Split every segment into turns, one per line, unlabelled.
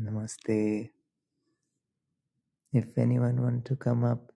Namaste. If anyone want to come up,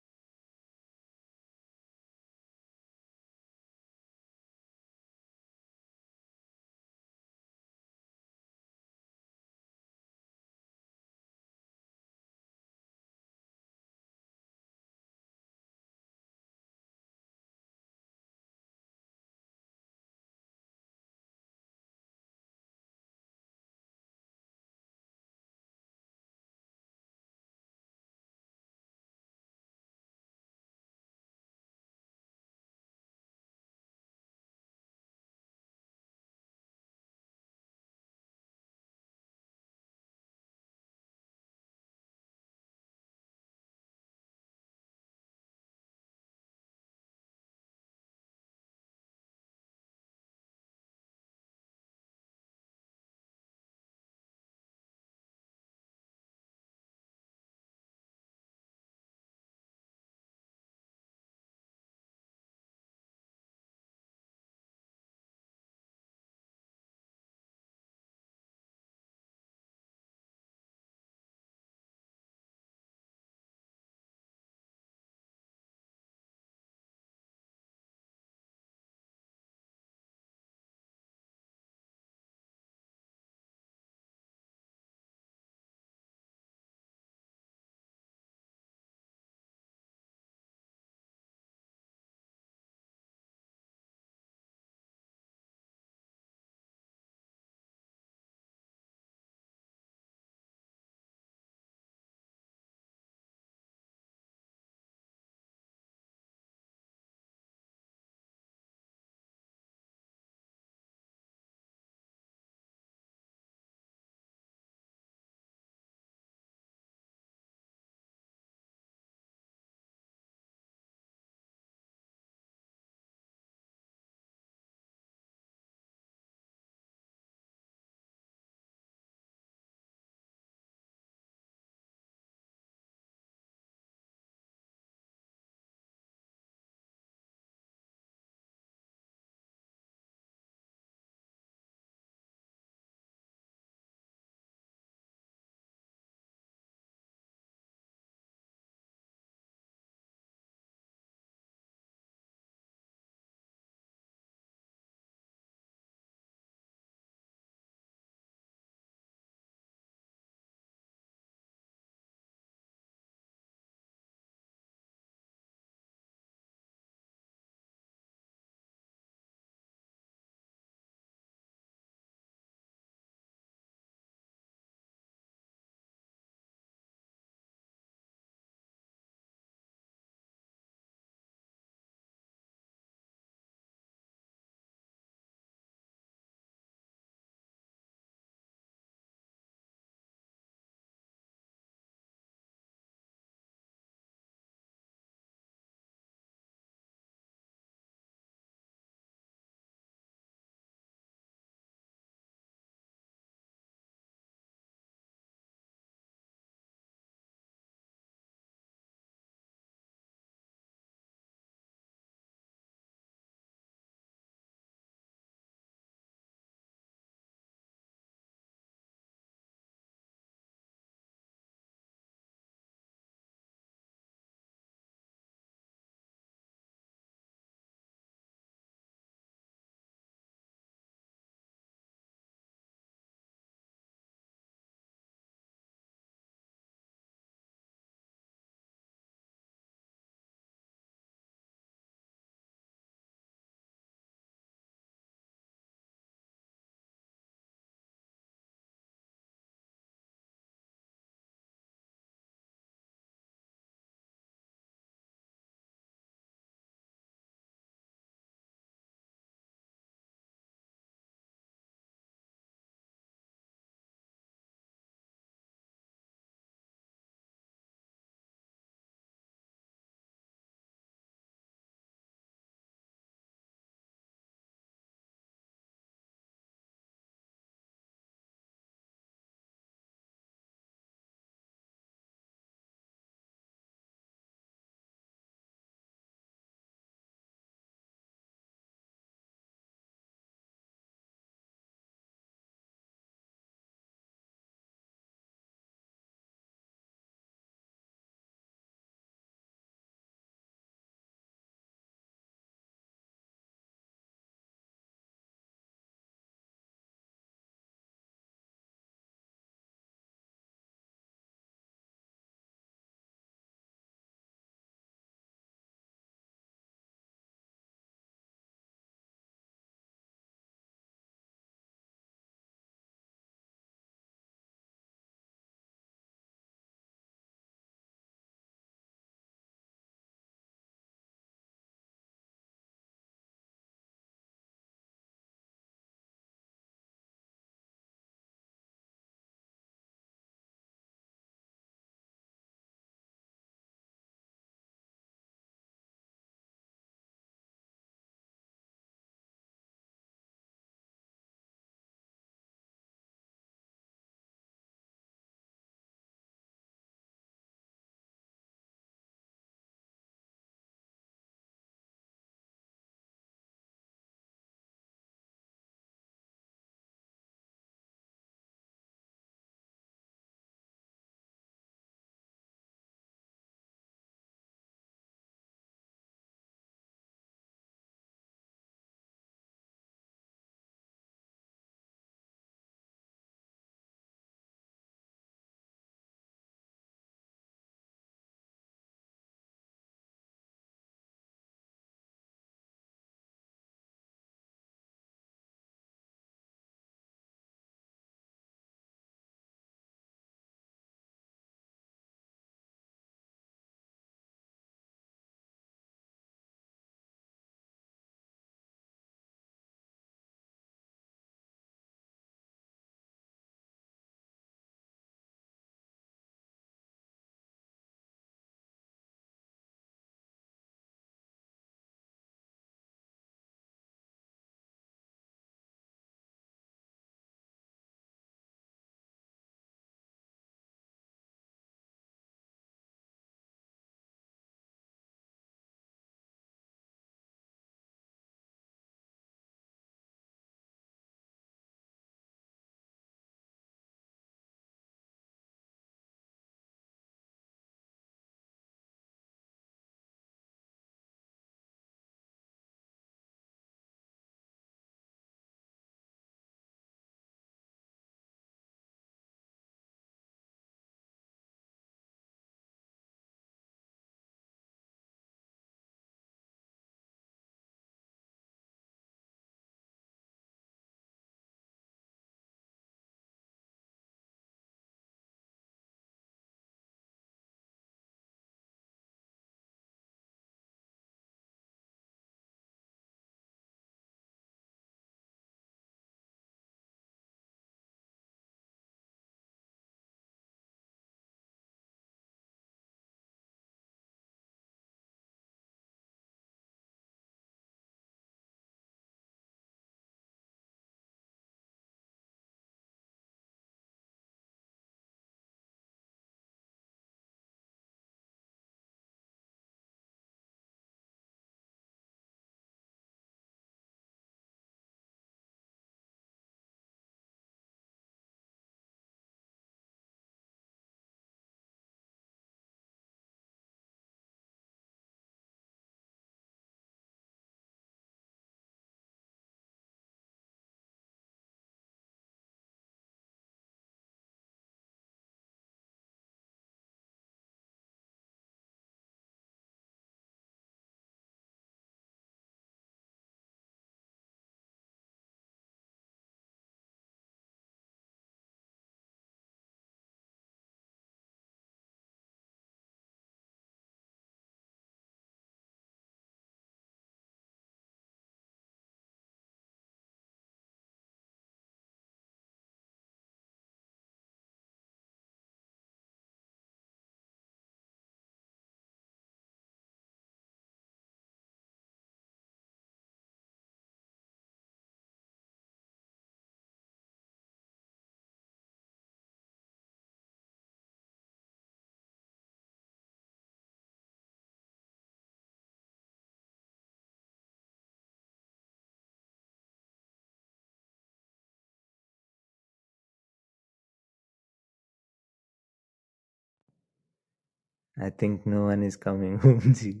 I think no one is coming, Omji.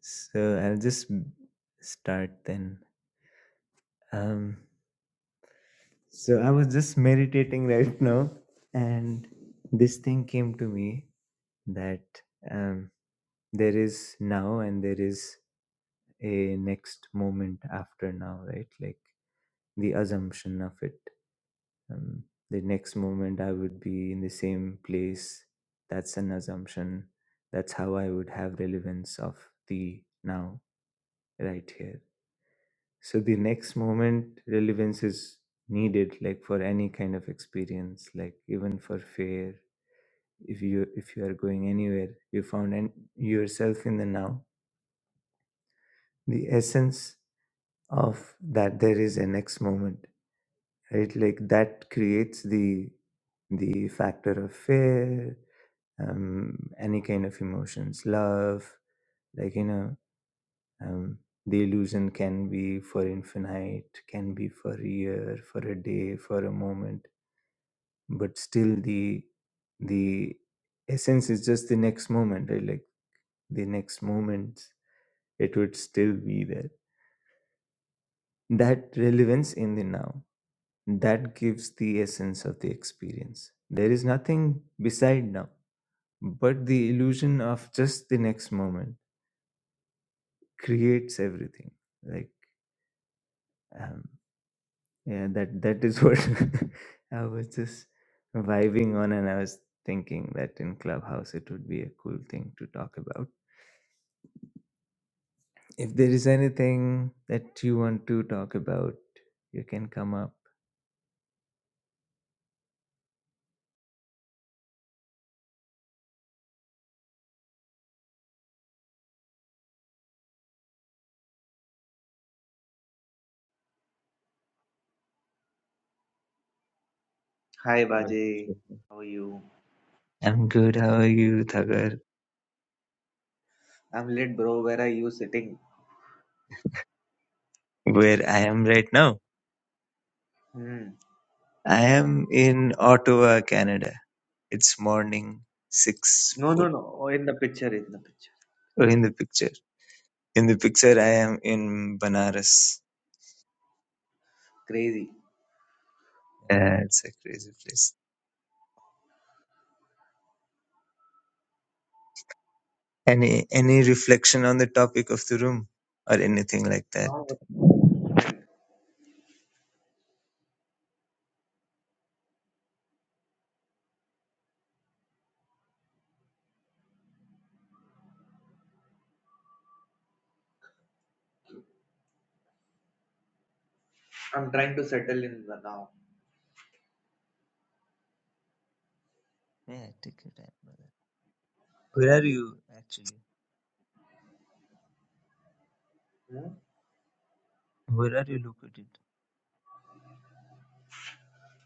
So I'll just start then. Um, so I was just meditating right now, and this thing came to me that um, there is now and there is a next moment after now, right? Like the assumption of it. um, the next moment I would be in the same place. That's an assumption. That's how I would have relevance of the now, right here. So the next moment, relevance is needed, like for any kind of experience, like even for fear. If you if you are going anywhere, you found an, yourself in the now. The essence of that there is a next moment, right? Like that creates the the factor of fear, um, any kind of emotions love like you know um, the illusion can be for infinite can be for a year for a day for a moment but still the the essence is just the next moment right like the next moment it would still be there that relevance in the now that gives the essence of the experience there is nothing beside now but the illusion of just the next moment creates everything like um yeah that that is what i was just vibing on and i was thinking that in clubhouse it would be a cool thing to talk about if there is anything that you want to talk about you can come up
Hi Bajay,
Okay.
how are you?
i'm good how are you thagar
I'm lit, bro. Where are you sitting?
where i am right now
Hmm.
i am in ottawa canada it's morning six
No, no,
foot
no. Oh, in the picture, in the picture.
Oh, in the picture in the picture i am in banaras
Crazy.
Yeah, it's a crazy place. Any any reflection on the topic of the room or anything like that?
No. what I'm trying to settle in the now.
Yeah, take your time, brother. Where are you actually?
Hmm?
Where are you located?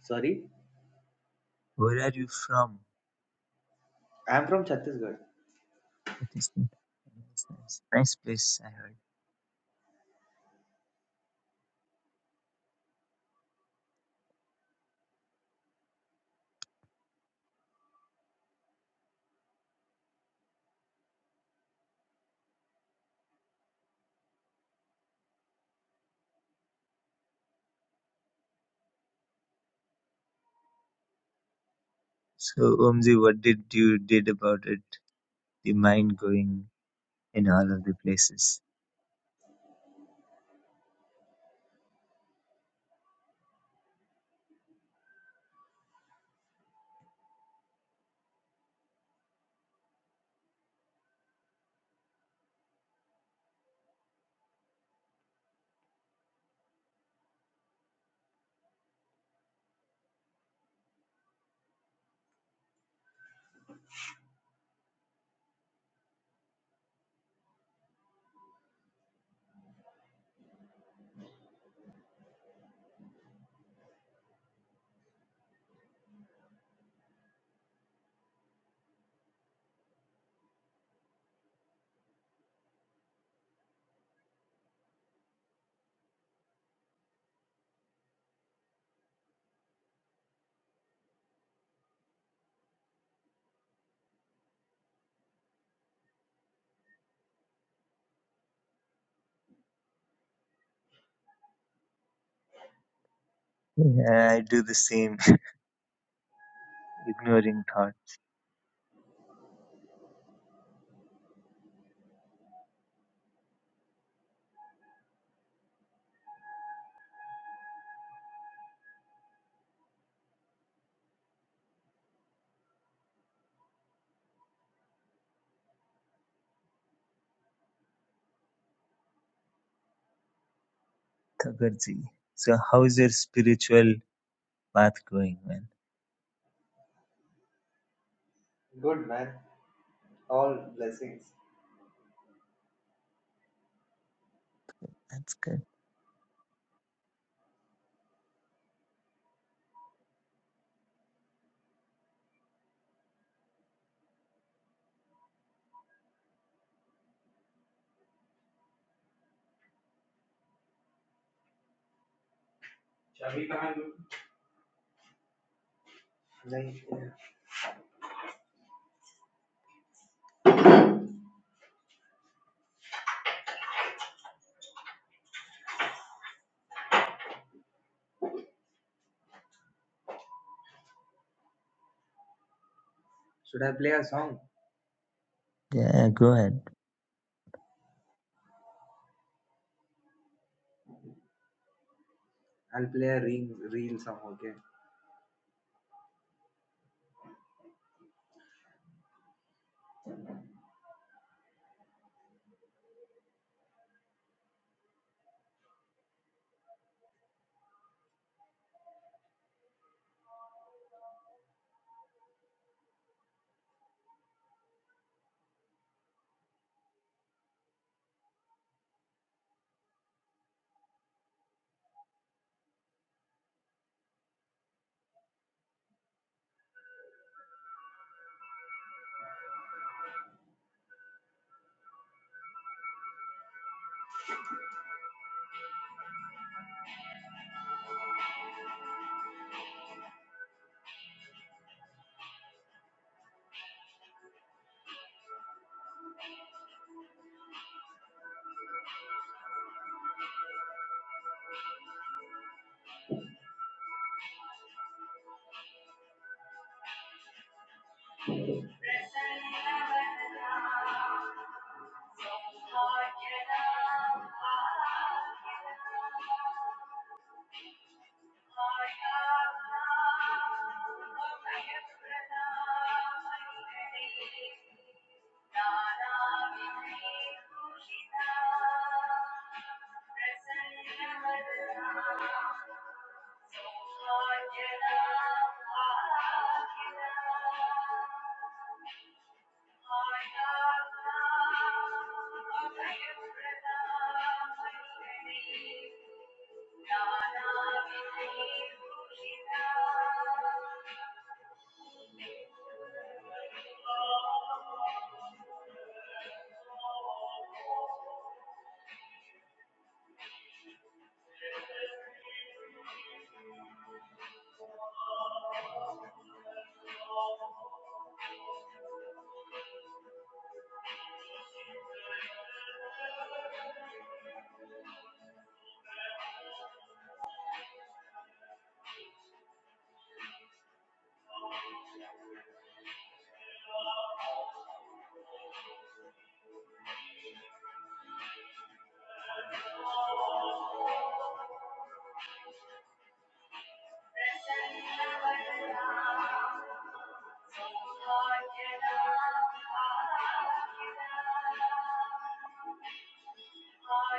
Sorry,
Where are you from?
I'm from Chhattisgarh.
That is good. Nice, nice, nice place. I heard. So, Omzi, what did you did about it? The mind going in all of the places. Yeah, I do the same. Ignoring thought, Thakurji. So, how's your spiritual path going, man?
Good man. All blessings.
That's good.
Like, Should I play a song?
Yeah, go ahead.
I'll play a reel, reel song. Okay.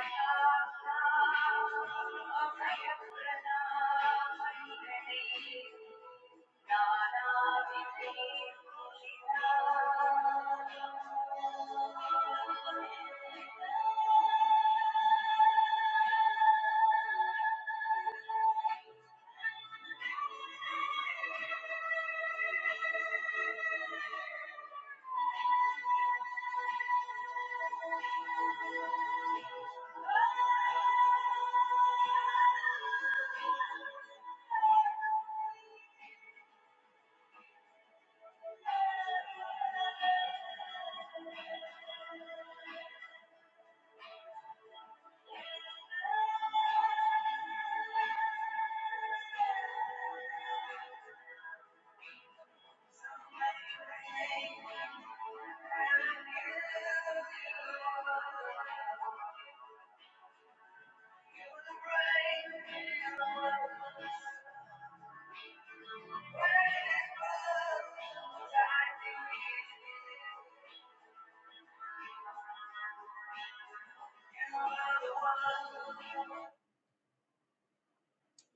Thank you.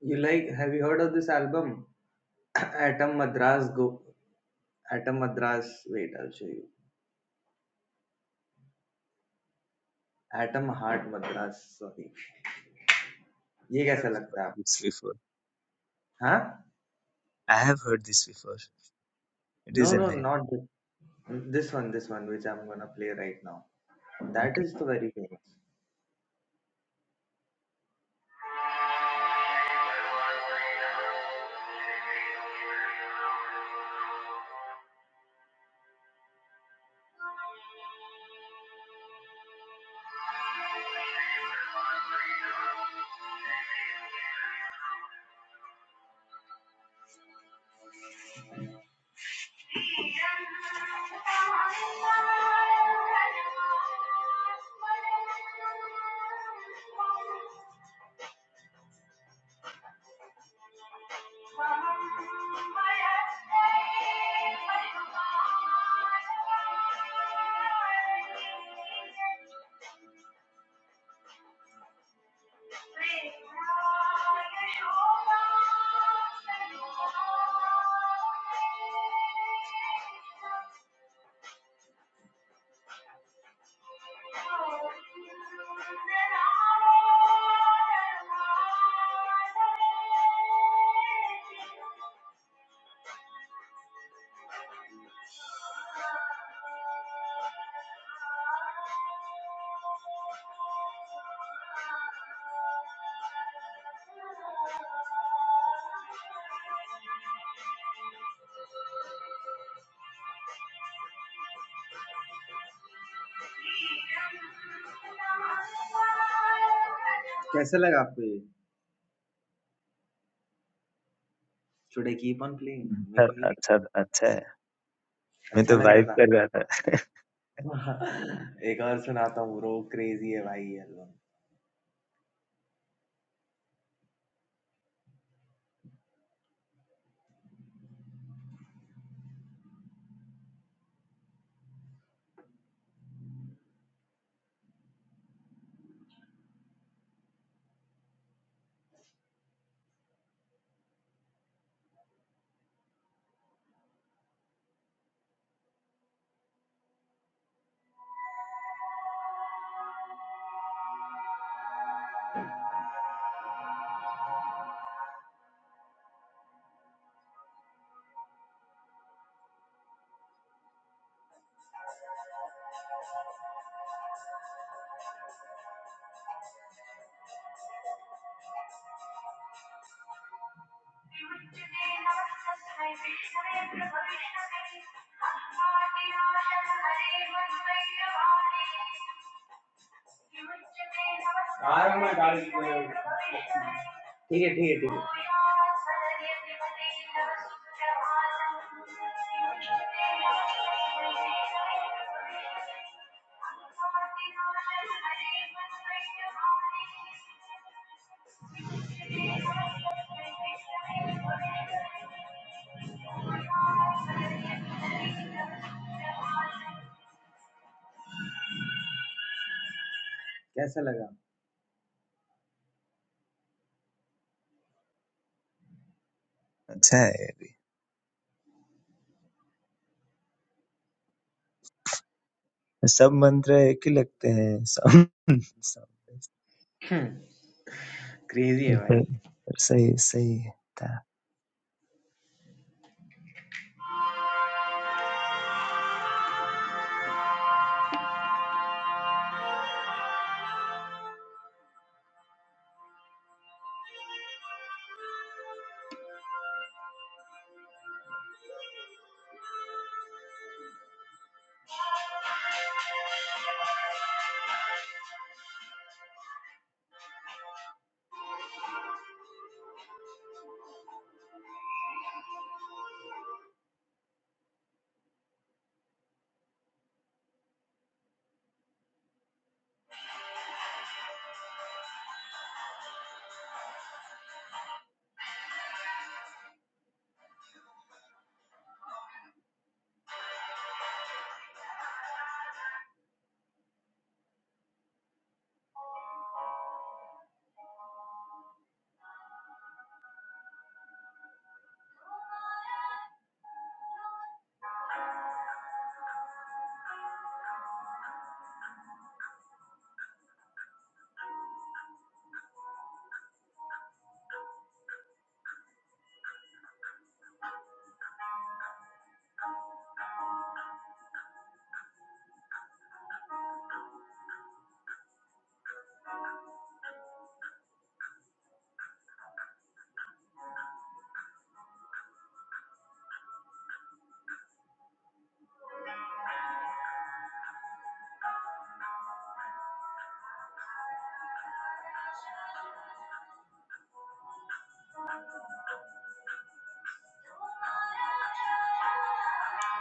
You like? Have you heard of this album? Atom Madras Go. Atom Madras. Wait, I'll show you. Atom Heart Madras. Sorry. ये
I
कैसा
have
लगता है?
heard this before.
हाँ?
I have heard this before. It is
No,
a
no,
night.
not this. This one, this one, which I'm gonna play right now. That
Okay.
is the very famous. कैसा लगा आपको ये should I keep on playing मेरे
अच्छा
को नहीं
अच्छा
पता
अच्छा है मैं
अच्छा
तो
लग रहा
वाइब
था।
कर रहा था
एक और सुनाता हूँ रो क्रेजी है भाई ये लो। ठीक है ठीक है ठीक है। कैसा लगा?
अच्छा है ये भी सब मंत्र एक ही लगते हैं सब सब
Crazy है
पर-
भाई.
पर सही सही था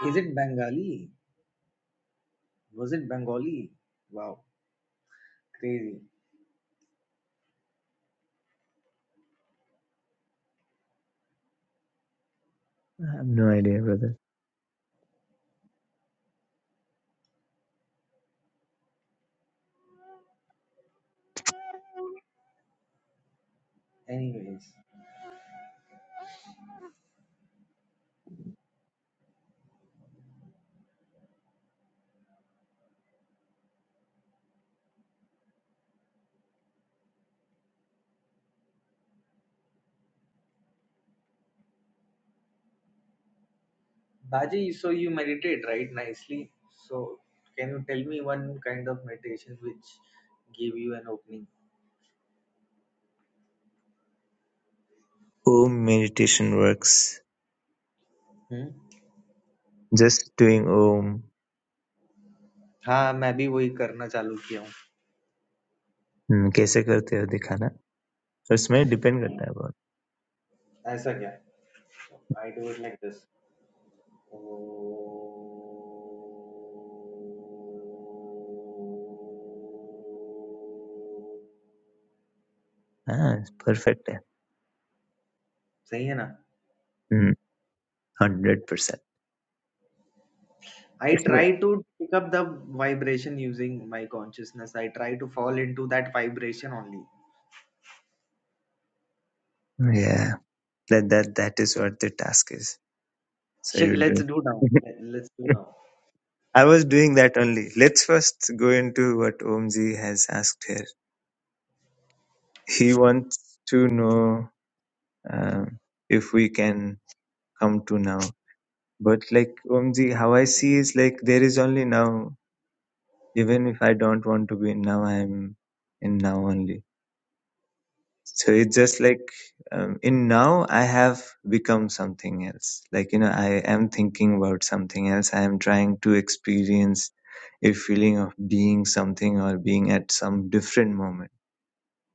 Is it Bengali? Was it Bengali? Wow, crazy.
I have no idea brother.
Anyways. Baji, so you meditate right nicely. So can you tell me one kind of meditation which gave you an opening?
Om meditation works.
Hmm.
Just doing Om
हाँ, मैं भी वही करना चालू किया हूँ.
हम्म, कैसे करते हो दिखाना और इसमें डिपेंड करता है बहुत
ऐसा क्या? I do it like this.
हाँ परफेक्ट है
सही है ना?
हंड्रेड परसेंट
I
इसमें
try to pick up the vibration using my consciousness. I try to fall into that vibration only.
yeah that that that is what the task is So
Shit,
you're
Let's
doing.
do now. Let- Let's do now.
I was doing that only. Let's first go into what Omji has asked here. He wants to know um, if we can come to now. But like Omji, how I see is like there is only now. Even if I don't want to be in now, I'm in now only. So it's just like um, in now I have become something else. Like, you know, I am thinking about something else. I am trying to experience a feeling of being something or being at some different moment.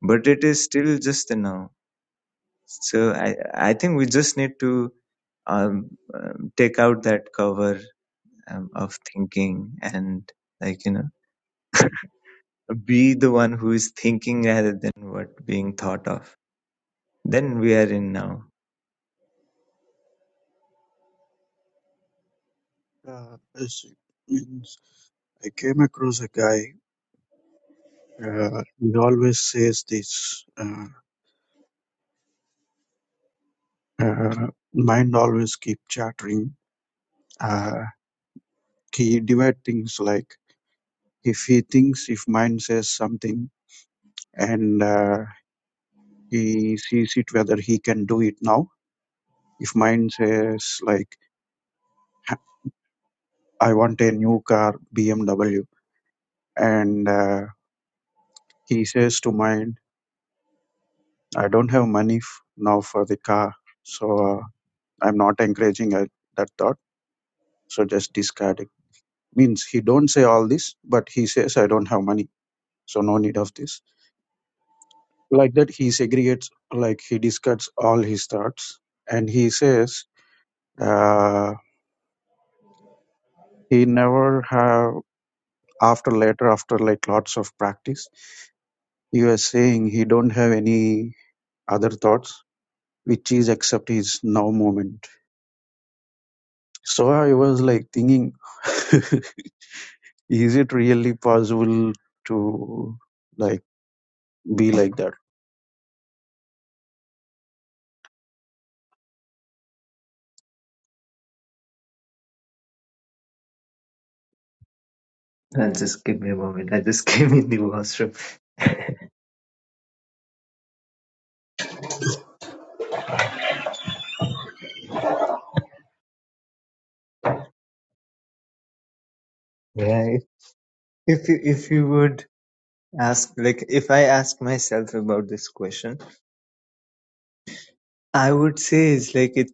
But it is still just the now. So I, I think we just need to um, um, take out that cover um, of thinking and like, you know, be the one who is thinking rather than what being thought of. Then we are in now.
Uh, it's, it's, I came across a guy. Uh, he always says this. Uh, uh, mind always keep chattering. Uh, he divide things like if he thinks if mind says something and uh, he sees it whether he can do it now. If mind says like "Ha- I want a new car BMW and uh, he says to mind I don't have money f- now for the car. So. uh, I'm not encouraging uh, that thought. So just discard it. Means he don't say all this, but he says I don't have money, so no need of this. Like that, he segregates, like he discards all his thoughts, and he says uh, he never have after later after like lots of practice. He was saying he don't have any other thoughts, which is except his now moment. So I was like thinking, is it really possible to like? be like that.
Uh, just give me a moment. I just came in the washroom. Yeah, if if you if you would ask, like, if I ask myself about this question, I would say it's like it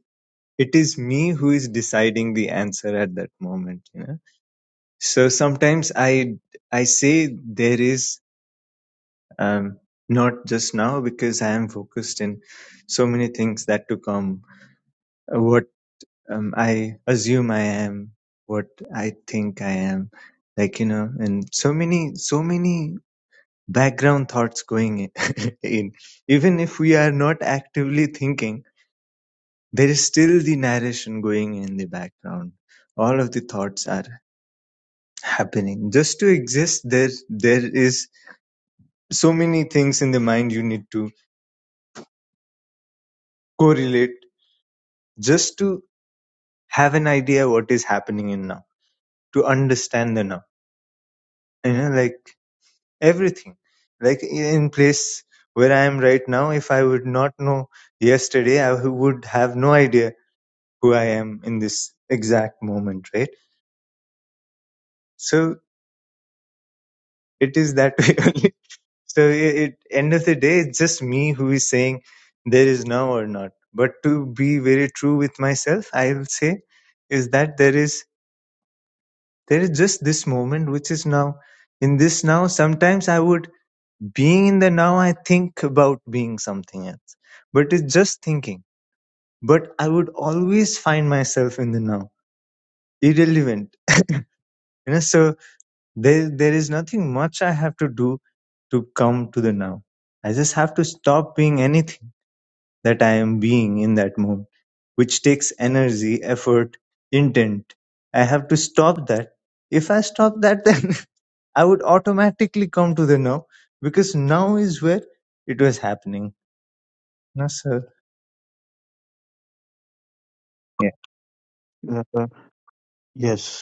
it is me who is deciding the answer at that moment. You know, so sometimes I I say there is um not just now because I am focused in so many things that to come. uh, What um, I assume I am, what I think I am, like you know, and so many so many background thoughts going in. Even if we are not actively thinking, there is still the narration going in the background. All of the thoughts are happening. Just to exist, there there is so many things in the mind you need to correlate just to have an idea what is happening in now, to understand the now. You know, like everything. Like in place where I am right now, if I would not know yesterday, I would have no idea who I am in this exact moment, right? So it is that way only. So it, it end of the day, it's just me who is saying there is now or not. But to be very true with myself, I will say is that there is there is just this moment which is now. In this now, sometimes I would being in the now, I think about being something else, but it's just thinking. But I would always find myself in the now, irrelevant. You know, so There, there is nothing much I have to do to come to the now. I just have to stop being anything that I am being in that moment, which takes energy, effort, intent. I have to stop that. If I stop that, then I would automatically come to the now because now is where it was happening. No, sir. Yeah.
Uh, yes.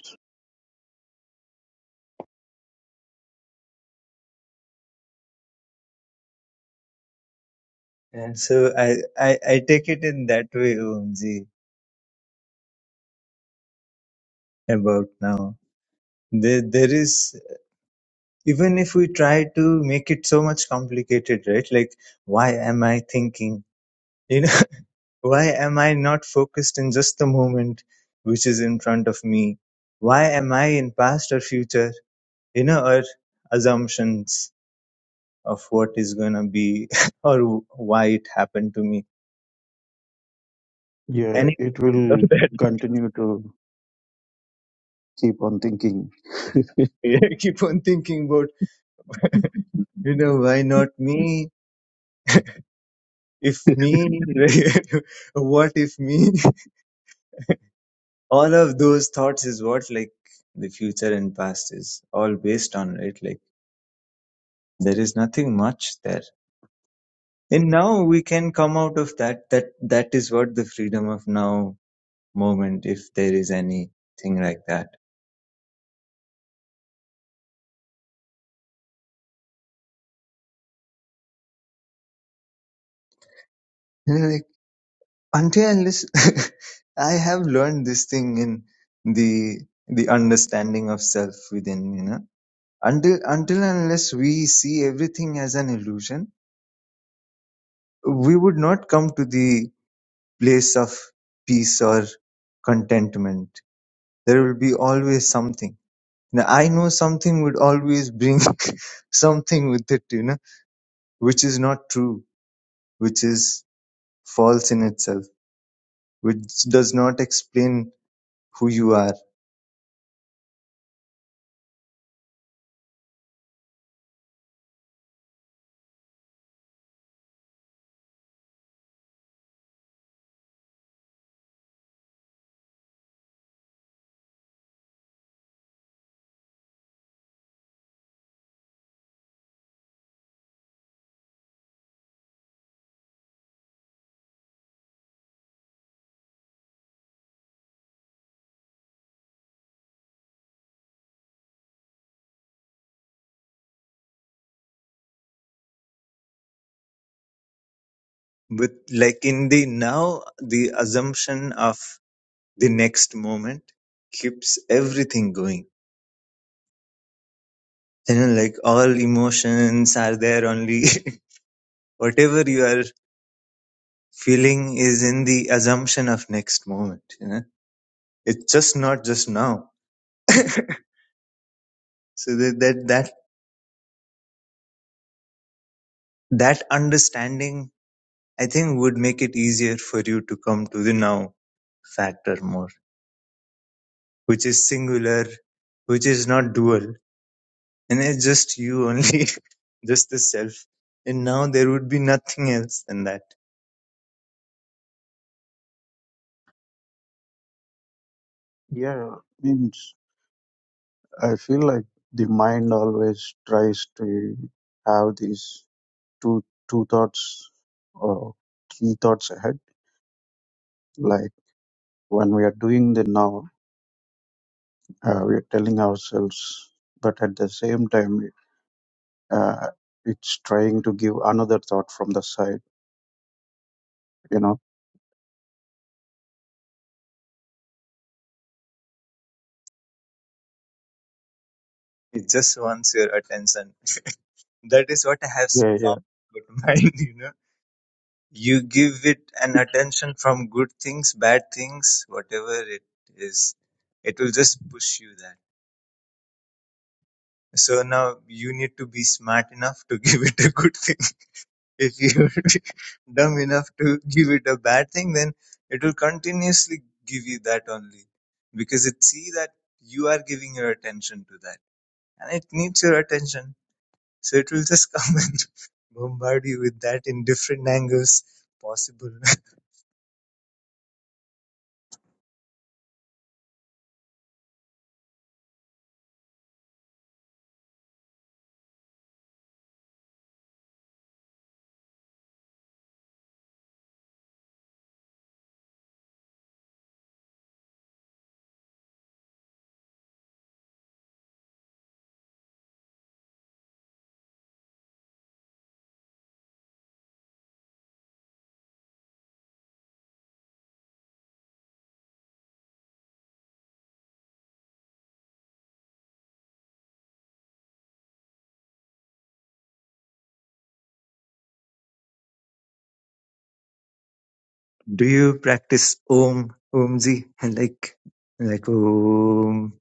And so I, I, I take it in that way, OMG, about now. There, there is. even if we try to make it so much complicated right like why am i thinking you know why am i not focused in just the moment which is in front of me why am i in past or future you know or assumptions of what is going to be or why it happened to me
Yeah,
any
it
of
will
that
continue to keep on thinking.
i keep on thinking about you know why not me if me what if me all of those thoughts is what like the future and past is all based on right like there is nothing much there and now we can come out of that that that is what the freedom of now moment if there is anything like that And, like until unless i have learned this thing in the the understanding of self within you know until until unless we see everything as an illusion we would not come to the place of peace or contentment. There will be always something. Now, I know something would always bring something with it, you know, which is not true, which is false in itself, which does not explain who you are. But like in the now, the assumption of the next moment keeps everything going. You know, like all emotions are there only whatever you are feeling is in the assumption of next moment you know it's just not just now so that that that, that understanding i think would make it easier for you to come to the now factor more which is singular which is not dual and it's just you only just the self and now there would be nothing else than that
Yeah, means I feel like the mind always tries to have these two two thoughts or three thoughts ahead. Like when we are doing the now, uh, we are telling ourselves, but at the same time, uh, it's trying to give another thought from the side. You know?
it just wants your attention that is what i have
Yeah, yeah.
found good mind you know You give it an attention from good things, bad things, whatever it is, it will just push you that. So now you need to be smart enough to give it a good thing. If you're dumb enough to give it a bad thing, then it will continuously give you that only because it see that you are giving your attention to that and it needs your attention. So it will just come and bombard you with that in different angles possible. Do you practice Om, Omji, and like, like Om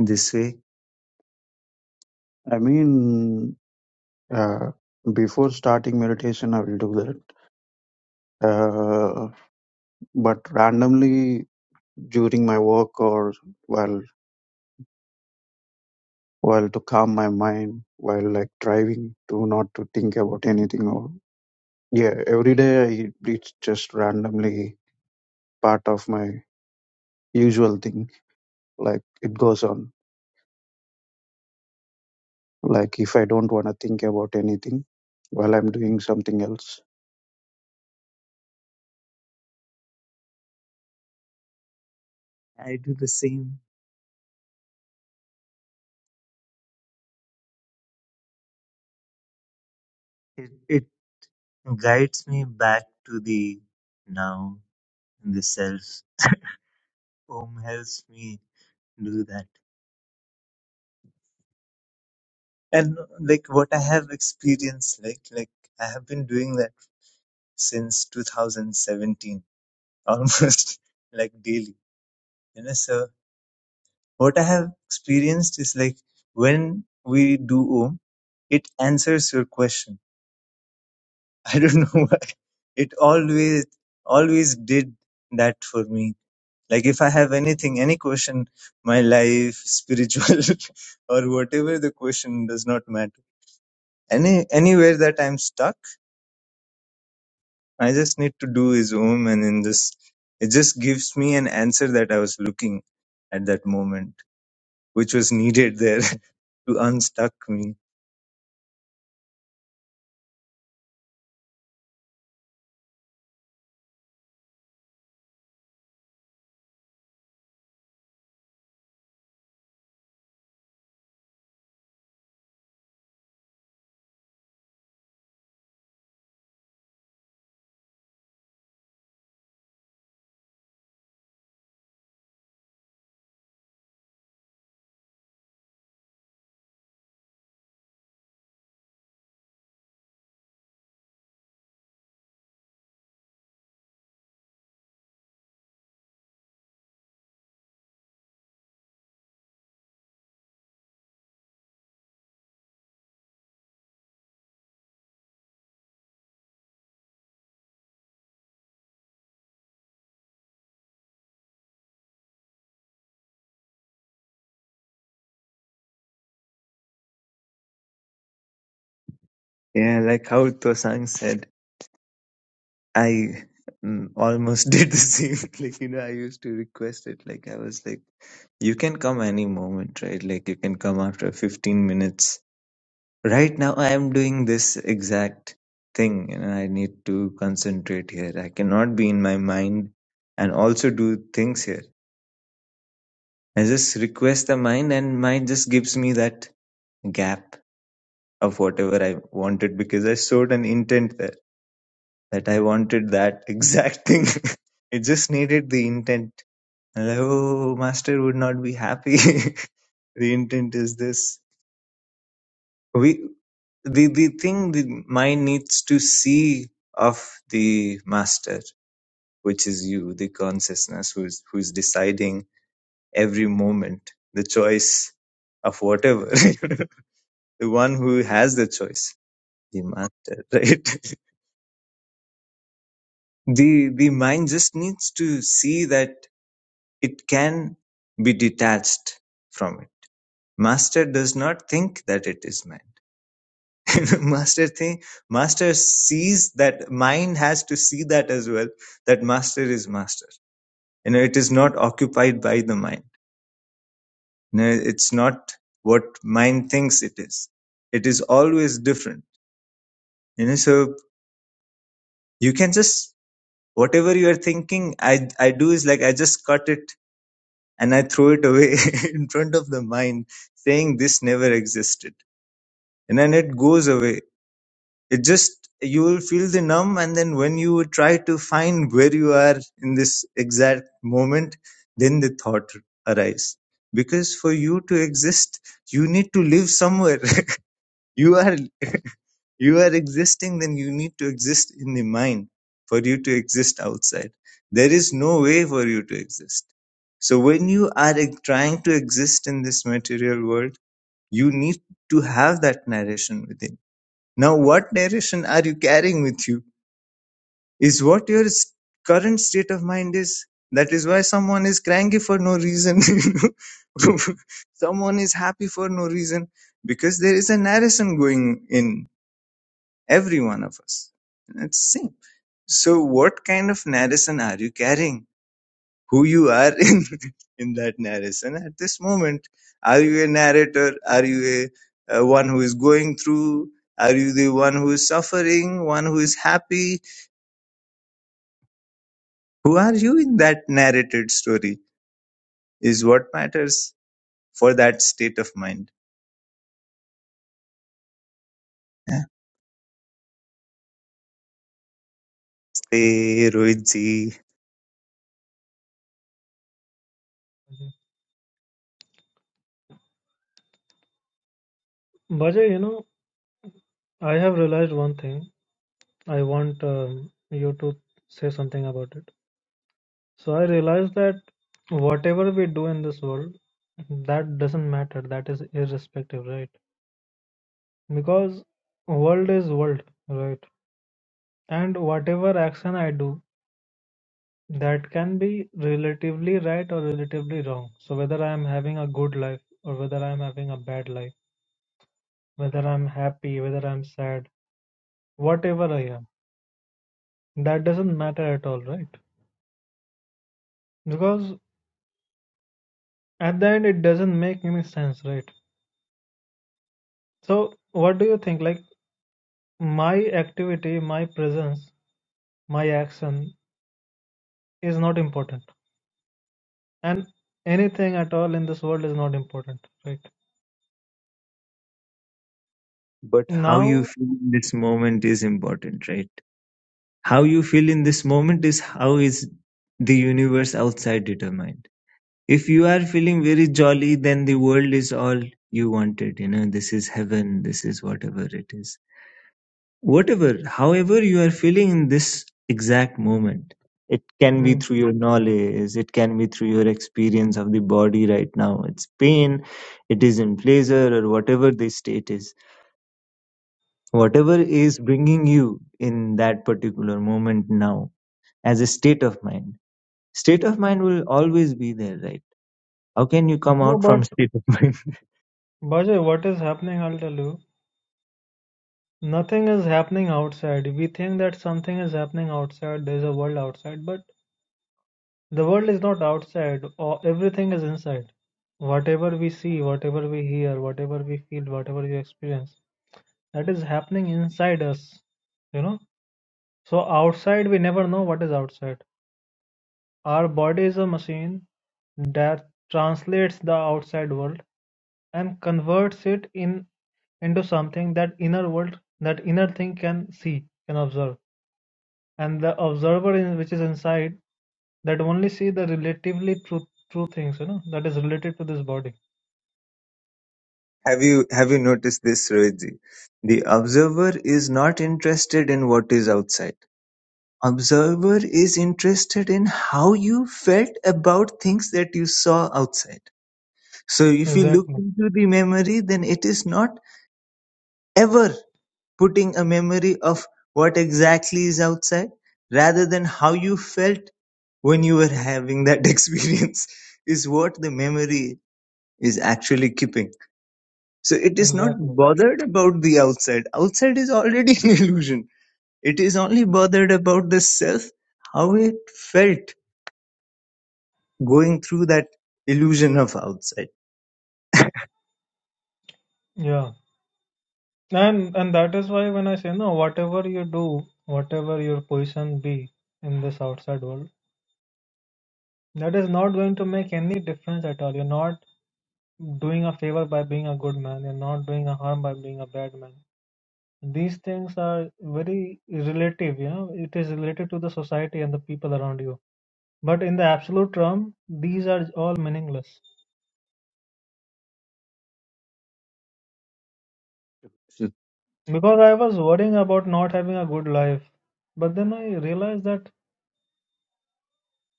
this way?
I mean. Uh, before starting meditation, I will do that. Uh, but randomly during my work or while while to calm my mind while like driving to not to think about anything or yeah every day I, it's just randomly part of my usual thing like it goes on like if i don't want to think about anything while i'm doing something else
I do the same. It, it guides me back to the now and the self. Om helps me do that. And like what I have experienced, like, like I have been doing that since 2017, almost like daily, you know, so what I have experienced is like when we do Om, it answers your question I don't know why. It always always did that for me. Like if I have anything, any question, my life, spiritual or whatever the question does not matter. Any anywhere that I'm stuck, I just need to do is om and in this it just gives me an answer that I was looking at that moment, which was needed there to unstuck me. Yeah, like how Tosang said. I mm, almost did the same. Like, you know, I used to request it. Like, I was like, you can come any moment, right? Like, you can come after 15 minutes. Right now, I am doing this exact thing. You know, I need to concentrate here. I cannot be in my mind and also do things here. I just request the mind, and mind just gives me that gap of whatever I wanted because I showed an intent there that I wanted that exact thing. it just needed the intent And like, oh, master would not be happy. the intent is this. We the the thing the mind needs to see of the master, which is you, the consciousness, who's who's deciding every moment the choice of whatever. the one who has the choice, the master, right? the the mind just needs to see that it can be detached from it. Master does not think that it is man master thing master sees that mind has to see that as well that master is master you know it is not occupied by the mind you know it's not what mind thinks it is it is always different you know so you can just whatever you are thinking i i do is like i just cut it and i throw it away in front of the mind saying this never existed and then it goes away It just you will feel the numb, and then when you try to find where you are in this exact moment, then the thought arise. Because for you to exist, you need to live somewhere. you are you are existing, then you need to exist in the mind for you to exist outside. There is no way for you to exist. So when you are ex- trying to exist in this material world, you need to have that narration within. Now, what narration are you carrying with you? is what your s- current state of mind is. That is why someone is cranky for no reason. you know. someone is happy for no reason because there is a narration going in every one of us. That's same. So, what kind of narration are you carrying? Who you are in in that narration at this moment? Are you a narrator? Are you a, a one who is going through? Are you the one who is suffering? One who is happy? Who are you in that narrated story is what matters for that state of mind. Yeah. Hey, Rohitji,
Bajay, you know, I have realized one thing. I want um, you to say something about it. So I realized that whatever we do in this world, that doesn't matter. That is irrespective, right? Because world is world, right? And whatever action I do, that can be relatively right or relatively wrong. So whether I am having a good life or whether I am having a bad life, whether I'm happy, whether I'm sad, whatever I am, that doesn't matter at all, right? Because at the end it doesn't make any sense right so what do you think like my activity my presence my action is not important and anything at all in this world is not important right
but how you
now
feel in this moment is important, right? How you feel in this moment is how is the universe outside determined. If you are feeling very jolly, then the world is all you wanted. You know, this is heaven, this is whatever it is Whatever, however you are feeling in this exact moment, it can be
Hmm.
through your knowledge, it can be through your experience of the body right now. It's pain, it is in pleasure, or whatever the state is. Whatever is bringing you in that particular moment now as a state of mind. State of mind will always be there, right? How can you come
no
out
but
from state of mind?
Bajay, what is happening i'll tell you nothing is happening outside we think that something is happening outside there's a world outside but the world is not outside or everything is inside whatever we see whatever we hear whatever we feel whatever we experience that is happening inside us you know so outside we never know what is outside our body is a machine that translates the outside world and converts it in into something that inner world that inner thing can see can observe and the observer in, which is inside that only see the relatively true true things you know that is related to this body
have you have you noticed this, Rohitji? The observer is not interested in what is outside Observer is interested in how you felt about things that you saw outside. So if you look
exactly
into the memory, then it is not ever putting a memory of what exactly is outside, rather than how you felt when you were having that experience is what the memory is actually keeping. So it is not
exactly
bothered about the outside. Outside is already an illusion. It is only bothered about the self, how it felt going through that illusion of outside.
yeah And and that is why when I say no, whatever you do, whatever your position be in this outside world, that is not going to make any difference at all. You're not doing a favor by being a good man. You're not doing a harm by being a bad man. These things are very relative, you know. It is related to the society and the people around you. But in the absolute term, these are all meaningless. Because I was worrying about not having a good life, but then I realized that.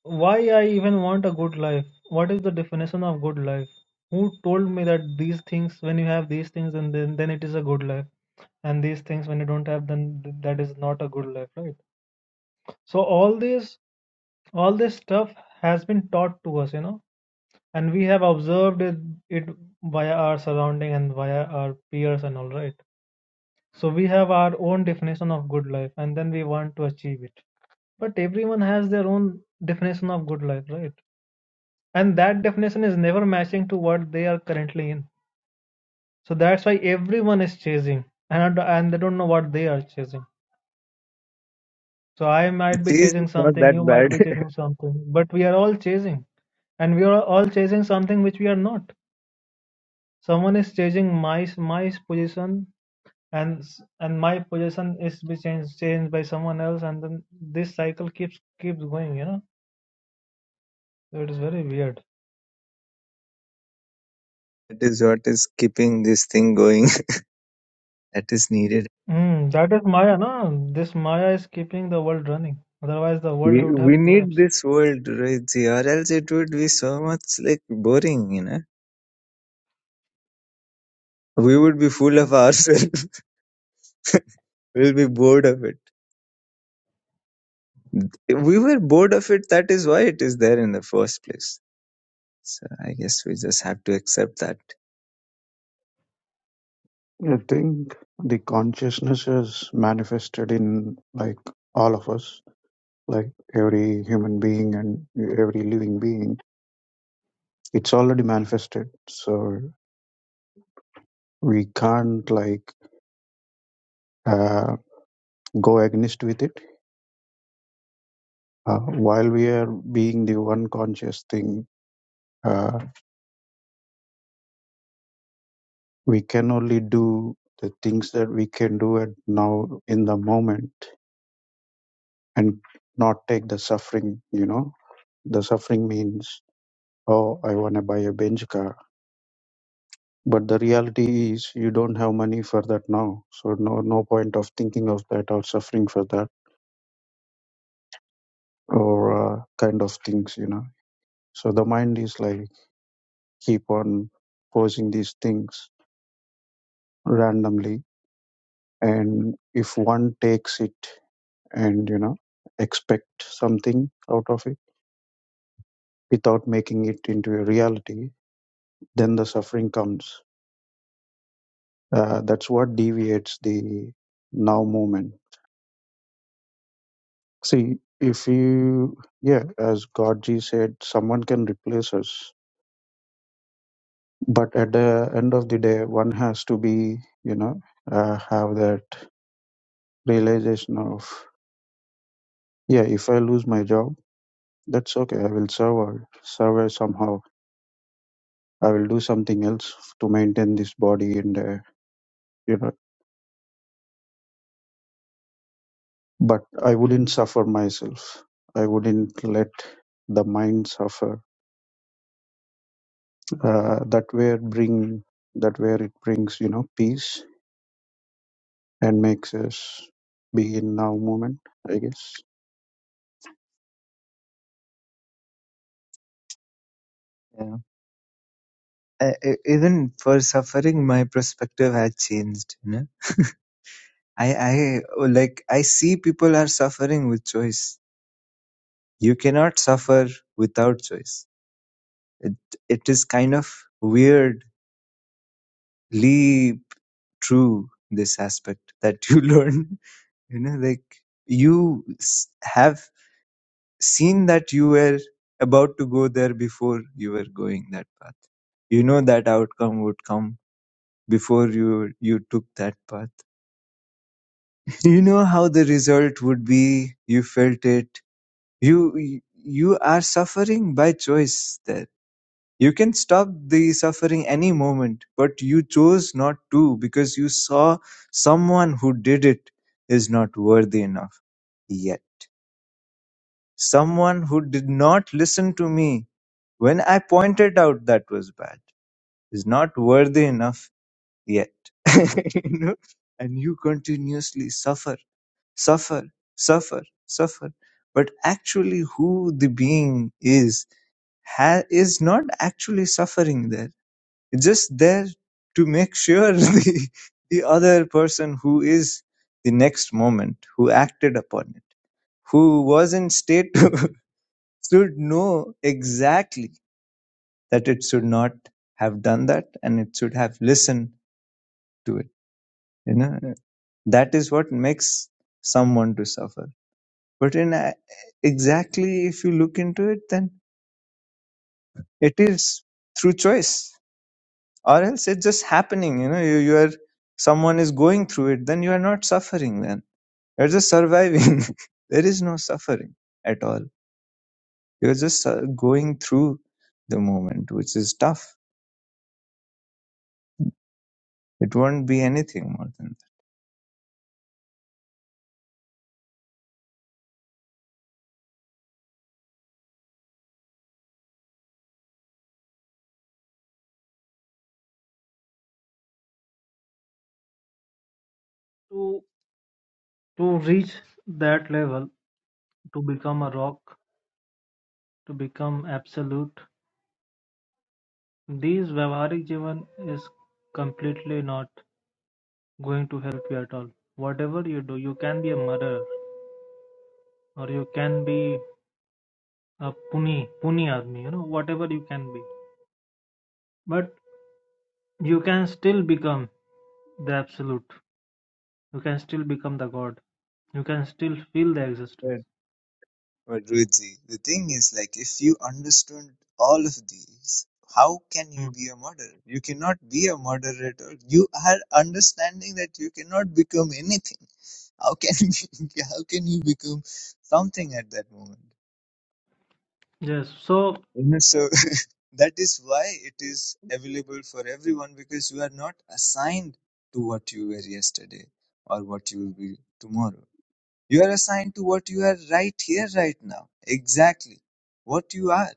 Why I even want a good life? What is the definition of good life? Who told me that these things, when you have these things, and then, then it is a good life, and these things when you don't have, then th- that is not a good life, right? So all this, all this stuff has been taught to us, you know, and we have observed it, it via our surrounding and via our peers and all, right? So we have our own definition of good life, and then we want to achieve it. But everyone has their own definition of good life, right? and that definition is never matching to what they are currently in so that's why everyone is chasing and and they don't know what they are chasing so i
It
might be
is
chasing
not
something you
that
might
bad.
be chasing something but we are all chasing and we are all chasing something which we are not someone is chasing my my position and s- and my position is be changed changed by someone else and then this cycle keeps keeps going you know so it is very weird
That is what is keeping this thing going. that is needed.
Mm, that is Maya, na? This Maya is keeping the world running. Otherwise, the world
We
would have
we need
collapsed.
this world, right? See, or else it would be so much like boring, you know. We would be full of ourselves. we'll be bored of it. We were bored of it. That is why it is there in the first place. So I guess we just have to accept that.
i think the consciousness is manifested in like all of us like every human being and every living being it's already manifested so we can't like uh, go against with it uh, while we are being the one conscious thing uh, we can only do the things that we can do at now in the moment and not take the suffering you know the suffering means oh i want to buy a Benz car But the reality is you don't have money for that now. So no no point of thinking of that or suffering for that or uh, kind of things, you know. So the mind is like keep on posing these things randomly and if one takes it and you know expect something out of it without making it into a reality, then the suffering comes. Uh, that's what deviates the now moment See, if you, yeah, as Godji said, someone can replace us. But at the end of the day, one has to be, you know, uh, have that realization of, yeah, if I lose my job, that's okay. I will survive, survive somehow. I will do something else to maintain this body and, uh, you know, but I wouldn't suffer myself. I wouldn't let the mind suffer. Uh, that where bring, that where it brings, you know, peace and makes us be in now moment i guess
Yeah. Uh, e- even for suffering, my perspective had changed. You know. I, I like I see people are suffering with choice. You cannot suffer without choice. It it is kind of weirdly true this aspect that you learn. You know, like you s- have seen that you were about to go there before you were going that path. You know that outcome would come before you you took that path. You know how the result would be. You felt it You you are suffering by choice there. You can stop the suffering any moment, but you chose not to because you saw someone who did it is not worthy enough yet. Someone who did not listen to me when I pointed out that was bad is not worthy enough yet. you know? And you continuously suffer, suffer, suffer, suffer. But actually, who the being is ha- is not actually suffering there. It's just there to make sure the, the other person who is the next moment, who acted upon it, who was in state, should know exactly that it should not have done that and it should have listened to it. You know, that is what makes someone to suffer. But in a- exactly, if you look into it, then it is through choice or else it's just happening you know you, you are someone is going through it then you are not suffering then you're just surviving there is no suffering at all you're just uh, going through the moment which is tough it won't be anything more than
To to reach that level, to become a rock, to become absolute, these Vyavharik Jivan is completely not going to help you at all. Whatever you do, you can be a murderer or you can be a puni, puni army, you know, whatever you can be. But you can still become the absolute. You can still become the God. You can still feel the
that
existence.
right. but Ruchi, the thing is like if you understood all of these how can
Hmm.
you be a murderer you cannot be a moderator you are understanding that you cannot become anything How can you, how can you become something at that moment?
Yes, so
You know, so that is why it is available for everyone because you are not assigned to what you were yesterday or what you will be tomorrow. You are assigned to what you are right here, right now. Exactly what you are.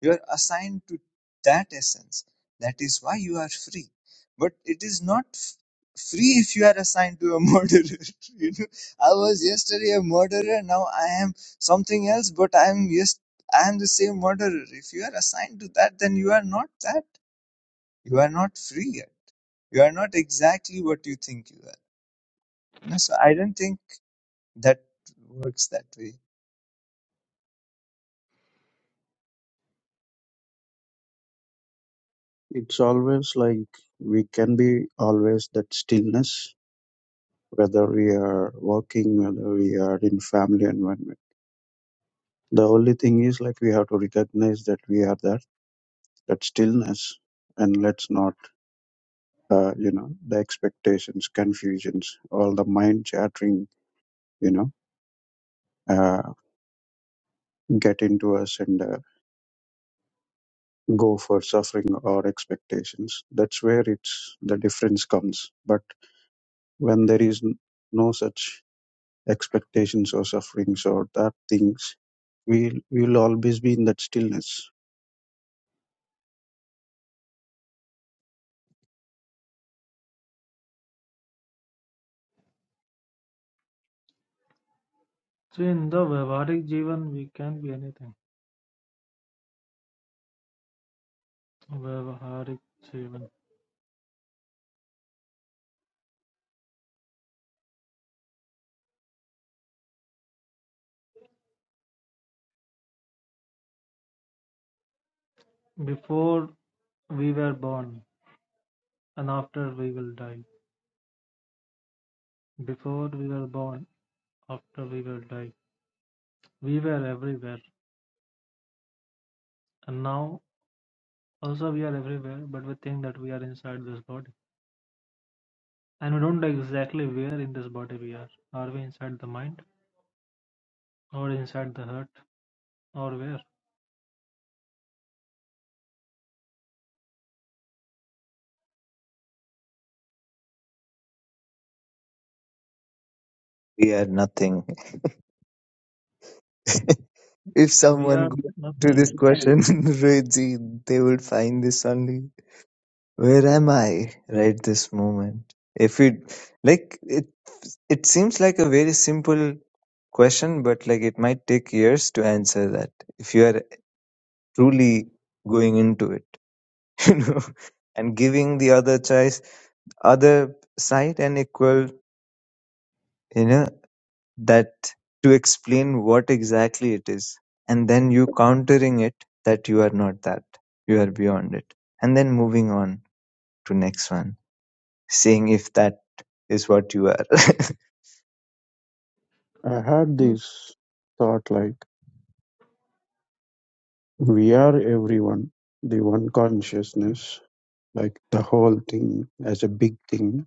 You are assigned to that essence. That is why you are free. But it is not f- free if you are assigned to a murderer. you know, I was yesterday a murderer. Now I am something else. But I am yes, I am the same murderer. If you are assigned to that, then you are not that. You are not free yet. You are not exactly what you think you are. You know, so I don't think that works that way.
it's always like we can be always that stillness whether we are working whether we are in family environment the only thing is like we have to recognize that we are that that stillness and let's not uh, you know the expectations confusions all the mind chattering you know uh, get into us and uh, go for suffering or expectations that's where it's the difference comes but when there is n- no such expectations or sufferings or that things we'll we'll always be in that stillness
see, in the Vyavaharik Jivan, we can be anything. Vyavaharik Jivan. Before we were born and after we will die. Before we were born, after we will die. We were everywhere. And now also we are everywhere, but we think that we are inside this body. And we don't know exactly where in this body we are. Are we inside the mind? Or inside the heart? Or where?
We are nothing. If
We
someone
are
goes to this
nothing.
question, Redzi, they will find this only. Where am I right this moment? If we like it, it seems like a very simple question, but like it might take years to answer that if you are truly going into it, you know, and giving the other choice, other side an equal, you know. that to explain what exactly it is and then you countering it that you are not that you are beyond it and then moving on to next one seeing if that is what you are
i had this thought like we are everyone the one consciousness like the whole thing as a big thing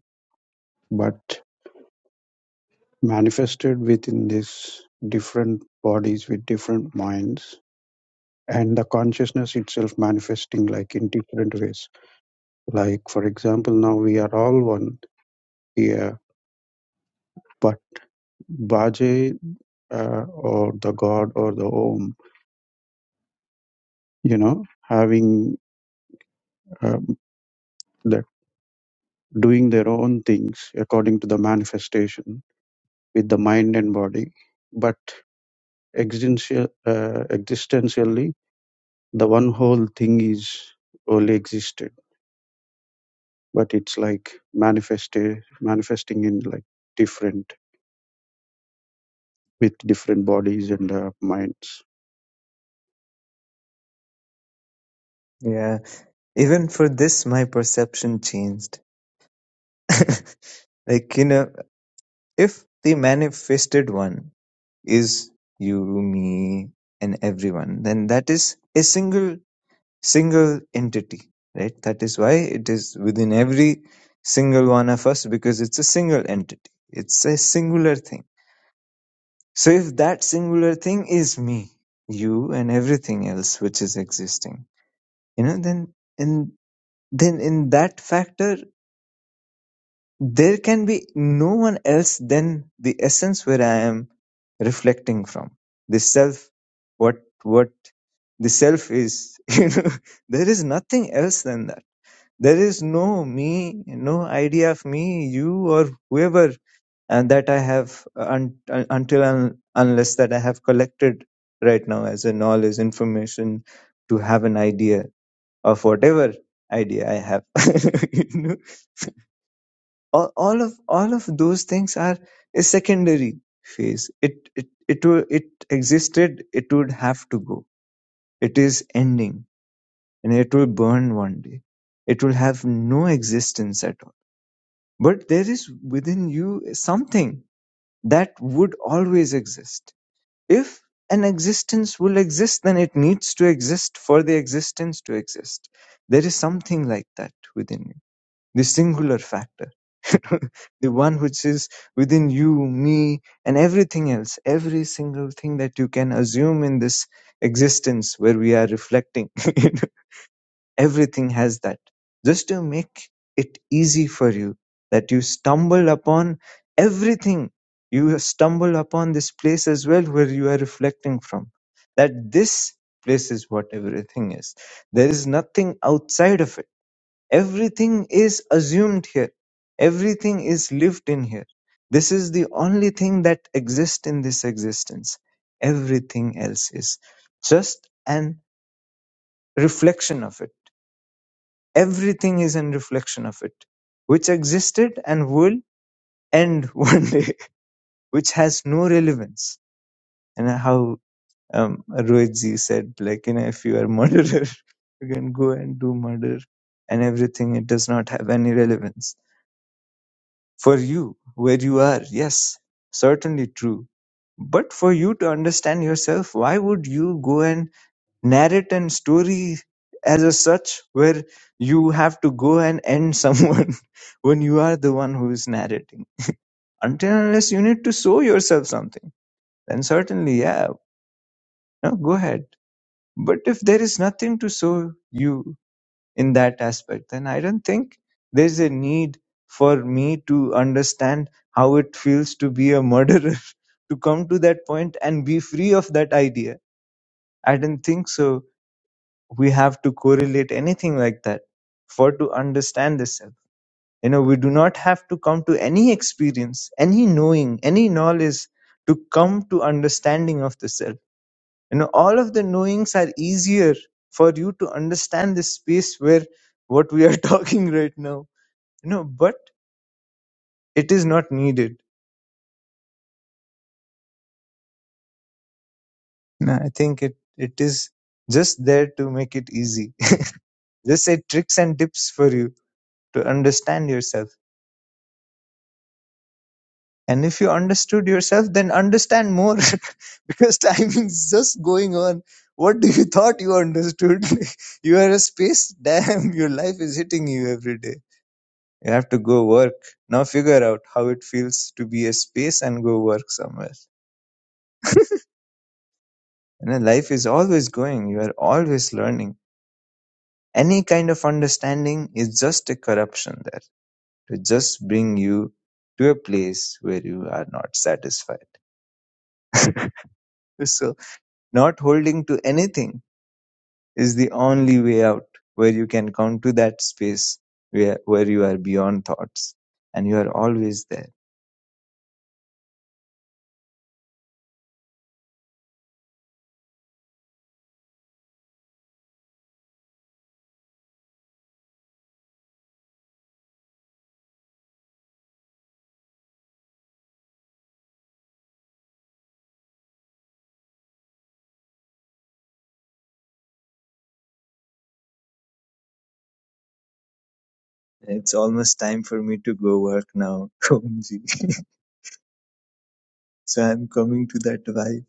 but manifested within this different bodies with different minds and the consciousness itself manifesting like in different ways like for example now we are all one here but Baje uh, or the god or the Om, you know, having um, that doing their own things according to the manifestation with the mind and body, but existential, uh, existentially, the one whole thing is only existed, but it's like manifested, manifesting in like different with different bodies and uh, minds.
yeah even for this my perception changed like you know if the manifested one is you me and everyone then that is a single single entity, right? That is why it is within every single one of us because it's a single entity. It's a singular thing. So if that singular thing is me, you and everything else which is existing, you know, then in then in that factor there can be no one else than the essence where I am reflecting from. The self what what the self is, you know, there is nothing else than that There is no me, no idea of me, you, or whoever, and that I have un- un- uh, until un- unless that I have collected right now as a knowledge, information to have an idea of whatever idea I have. you know? all, all of all of those things are a secondary phase. It it it will, it existed. It would have to go. It is ending, and it will burn one day. It will have no existence at all But there is within you something that would always exist. If an existence will exist, then it needs to exist for the existence to exist. There is something like that within you, the singular factor, the one which is within you, me, and everything else, every single thing that you can assume in this existence where we are reflecting. Everything has that, just to make it easy for you, that you stumble upon everything. You stumble upon this place as well where you are reflecting from. That this place is what everything is. There is nothing outside of it. Everything is assumed here. Everything is lived in here. This is the only thing that exists in this existence. Everything else is just an reflection of it Everything is in reflection of it, which existed and will end one day, which has no relevance. And how um, Rohitji said, like, you know, if you are a murderer, you can go and do murder and everything. It does not have any relevance for you where you are. Yes, certainly true. But for you to understand yourself, why would you go and narrate and story as a such where you have to go and end someone when you are the one who is narrating until and unless you need to show yourself something then certainly yeah no, go ahead but if there is nothing to show you in that aspect then i don't think there's a need for me to understand how it feels to be a murderer to come to that point and be free of that idea i don't think so we have to correlate anything like that for to understand the self. You know, we do not have to come to any experience, any knowing, any knowledge to come to understanding of the self. You know, all of the knowings are easier for you to understand this space where what we are talking right now. You know, but it is not needed. No, I think it it is just there to make it easy. just say tricks and tips for you to understand yourself. And if you understood yourself, then understand more because time is just going on. What do you thought you understood? you are a space. Damn, your life is hitting you every day. You have to go work. Now figure out how it feels to be a space and go work somewhere. You know, life is always going. You are always learning. Any kind of understanding is just a corruption there to just bring you to a place where you are not satisfied. So, not holding to anything is the only way out where you can come to that space where, where you are beyond thoughts and you are always there. It's almost time for me to go work now, Omji. so I'm coming to that vibe.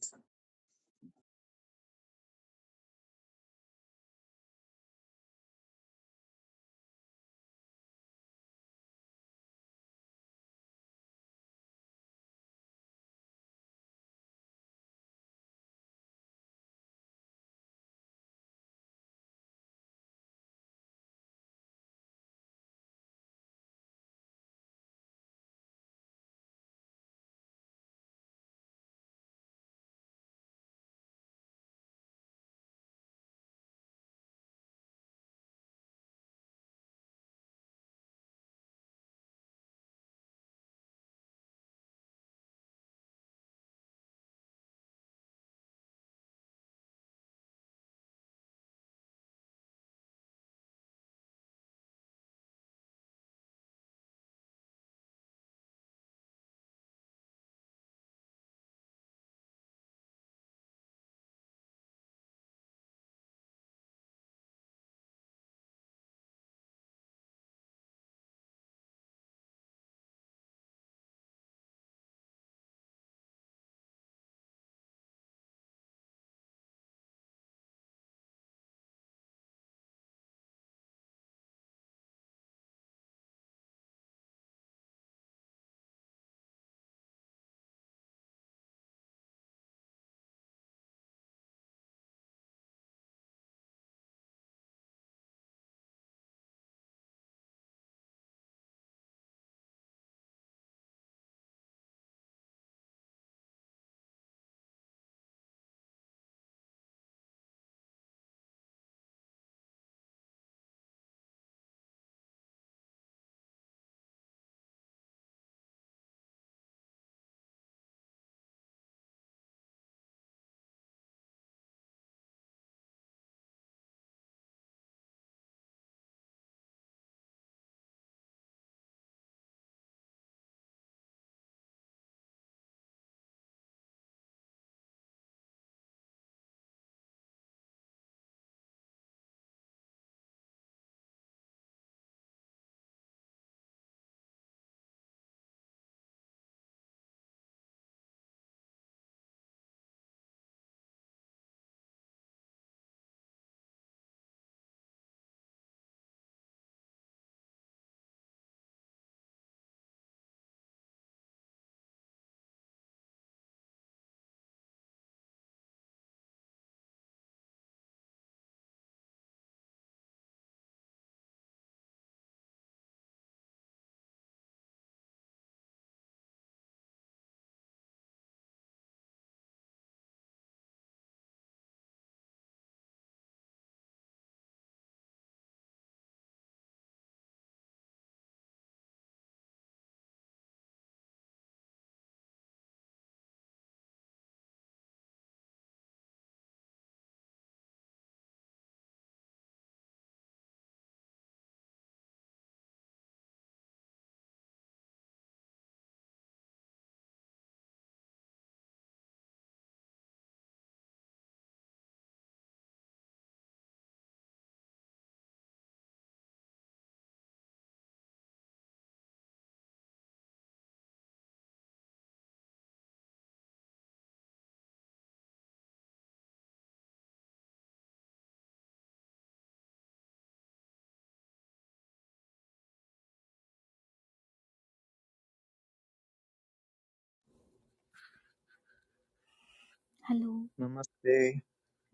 Hello,
Namaste.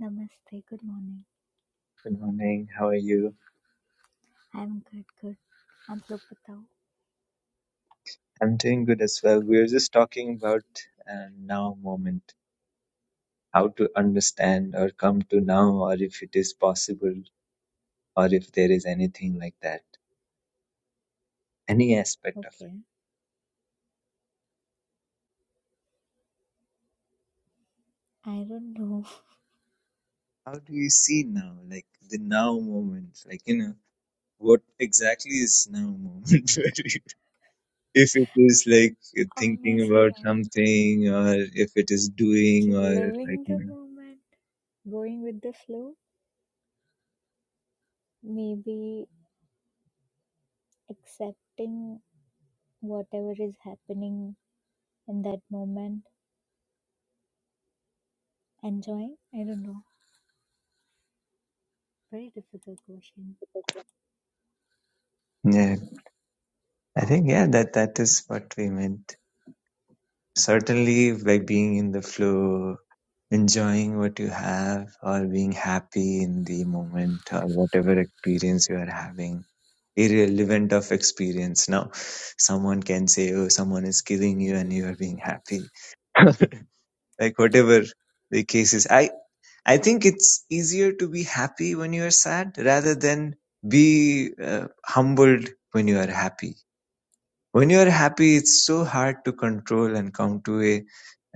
namaste, good morning.
Good morning. How are you?
I'm good, good. I'm Lopatao.
I'm doing good as well. We were just talking about uh, now moment, how to understand or come to now, or if it is possible, or if there is anything like that, any aspect of it.
Okay. I don't know.
how do you see now like the now moment like you know what exactly is now moment if it is like thinking
Honestly,
about
I'm
something or if it is doing
just
or like
living
you
the
know
moment, going with the flow, maybe accepting whatever is happening in that moment, enjoying. I don't know. Very difficult question.
yeah i think yeah that that is what we meant certainly by being in the flow enjoying what you have or being happy in the moment or whatever experience you are having irrelevant of experience now someone can say oh someone is killing you and you are being happy like whatever the case is i i think it's easier to be happy when you are sad rather than be uh, humbled when you are happy when you are happy it's so hard to control and come to a,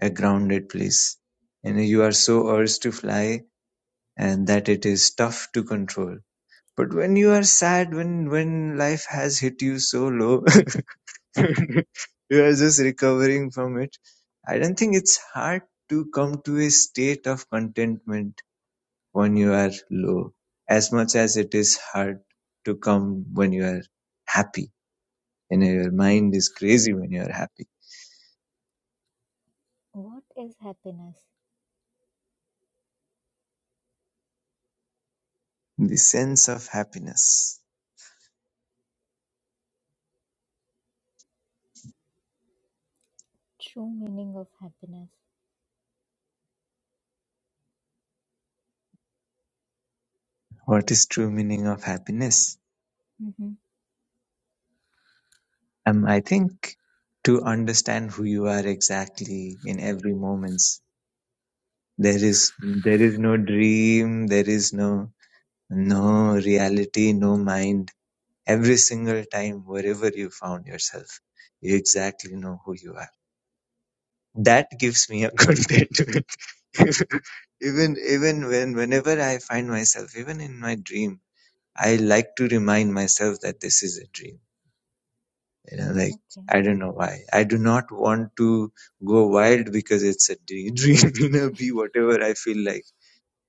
a grounded place and you are so urged to fly and that it is tough to control. But when you are sad, when when life has hit you so low, you are just recovering from it. I don't think it's hard to come to a state of contentment when you are low, as much as it is hard to come when you are happy. And your mind is crazy when you are happy.
What is happiness?
The sense of happiness.
True meaning of happiness.
What is true meaning of happiness?
Mm-hmm.
Um, I think to understand who you are exactly in every moments, there is there is no dream, there is no no reality, no mind. Every single time, wherever you found yourself, you exactly know who you are. That gives me a good day to it. even even when whenever I find myself, even in my dream, I like to remind myself that this is a dream You know, like
Okay,
I don't know why. I do not want to go wild because it's a daydream. You know, be whatever I feel like.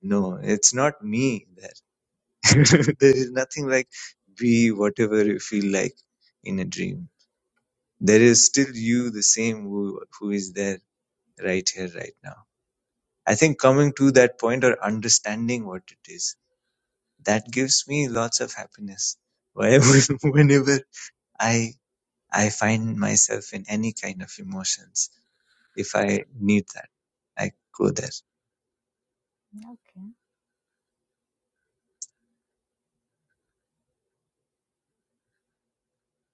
No, it's not me. There, there is nothing like be whatever you feel like in a dream. There is still you, the same who who is there right here, right now. I think coming to that point or understanding what it is that gives me lots of happiness. Whenever, whenever I I find myself in any kind of emotions if I need that. I go there.
okay.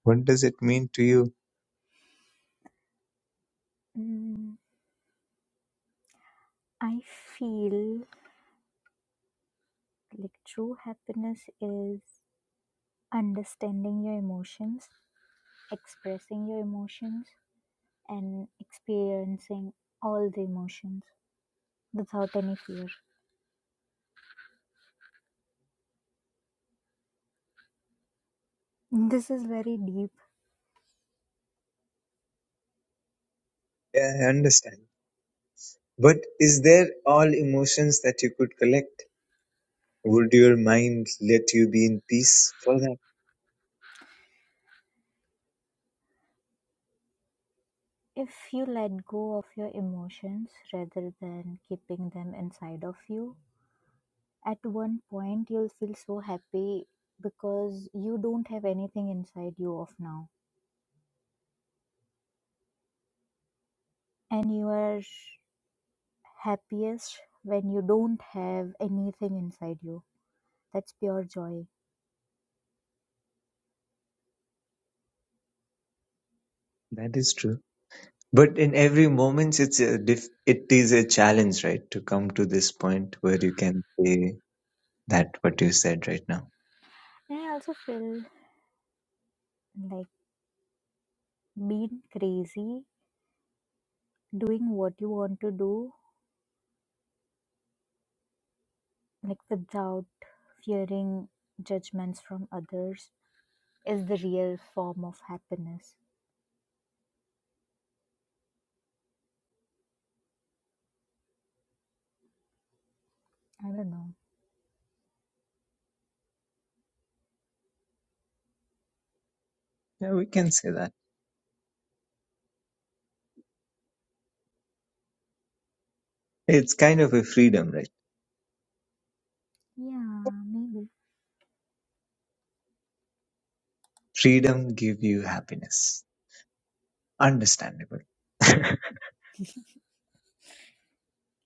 What does it mean to you?
Mm, I feel like true happiness is understanding your emotions, expressing your emotions, and experiencing all the emotions without any fear. This is very deep.
Yeah, I understand. But is there all emotions that you could collect? Would your mind let you be in peace for that?
If you let go of your emotions rather than keeping them inside of you, at one point you'll feel so happy because you don't have anything inside you of now. And you are happiest when you don't have anything inside you. That's pure joy.
That is true. But in every moment, it's a diff- it is a challenge, right? To come to this point where you can say that what you said right now.
And I also feel like being crazy, doing what you want to do, like without fearing judgments from others, is the real form of happiness. I don't know.
Yeah, we can say that. It's kind of a freedom, right?
Yeah, maybe.
Freedom give you happiness. Understandable.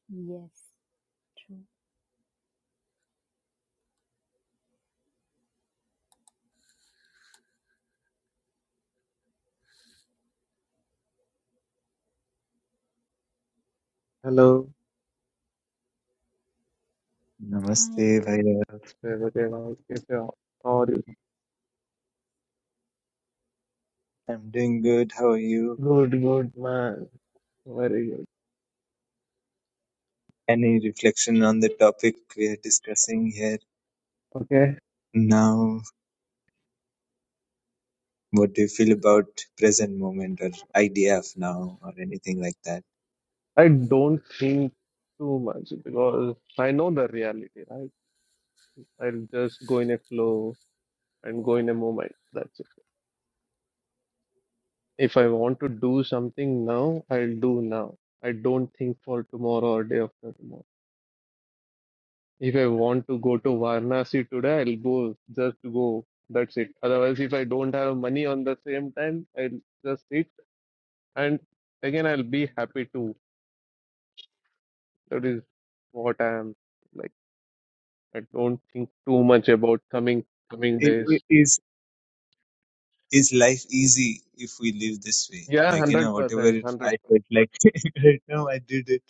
Yes, true.
Hello,
Hi.
Namaste, bhai.
Sir, what's going on? How are you?
I'm doing good. How are you?
Good, good, man. Very good.
Any reflection on the topic we are discussing here
Okay.
now? What do you feel about present moment or idea of now or anything like that?
I don't think too much because I know the reality, right? I'll just go in a flow and go in a moment. That's it. If I want to do something now, I'll do now. I don't think for tomorrow or day after tomorrow. If I want to go to Varanasi today, I'll go. Just go. That's it. Otherwise, if I don't have money on the same time, I'll just eat. and again i'll be happy too that is what i am like i don't think too much about
But
coming coming
it, it
days
is is life easy if we live this way?
yeah
Like you know,
100%
whatever
100
I felt like right now, I did it.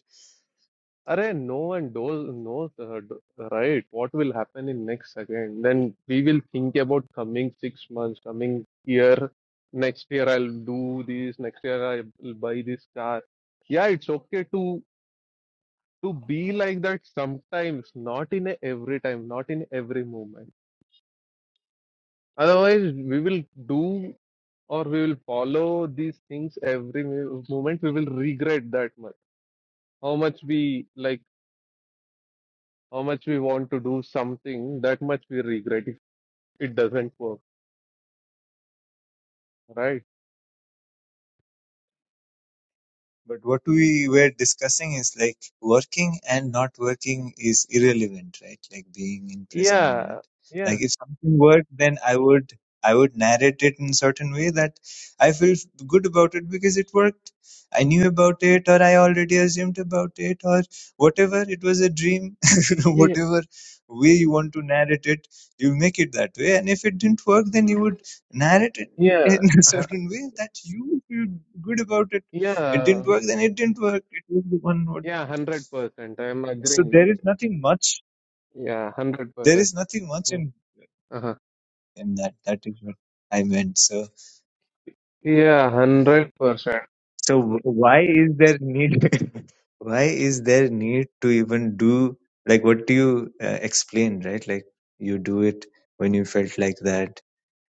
Arey no one knows, knows uh, d- right what will happen in next second. Then we will think about coming six months, coming year. Next year I'll do this. Next year I'll buy this car. Yeah, it's okay to to be like that sometimes, not in a every time, not in every moment. Otherwise, we will do or we will follow these things every mo- moment. We will regret that much. How much we like, how much we want to do something, that much we regret if it doesn't work, right?
But what we were discussing is like working and not working is irrelevant, right? Like being in present
Yeah,
moment.
yeah,
Like if something worked, then I would I would narrate it in certain way that I feel good about it because it worked. I knew about it, or I already assumed about it, or whatever. It was a dream.
yeah,
whatever way you want to narrate it, you make it that way. And if it didn't work, then you would narrate it
yeah,
in a
uh
certain way that you feel good about it it didn't
yeah,
work then it didn't work it was the one word.
yeah, 100%. I am
so
agreeing with
there is
you.
nothing much
Yeah,
there
100%.
is nothing much
Mm,
in
Uh-huh.
in that that is what i meant so
Yeah, 100%.
so w- why is there need why is there need to even do like what do you uh, explain right like you do it when you felt like that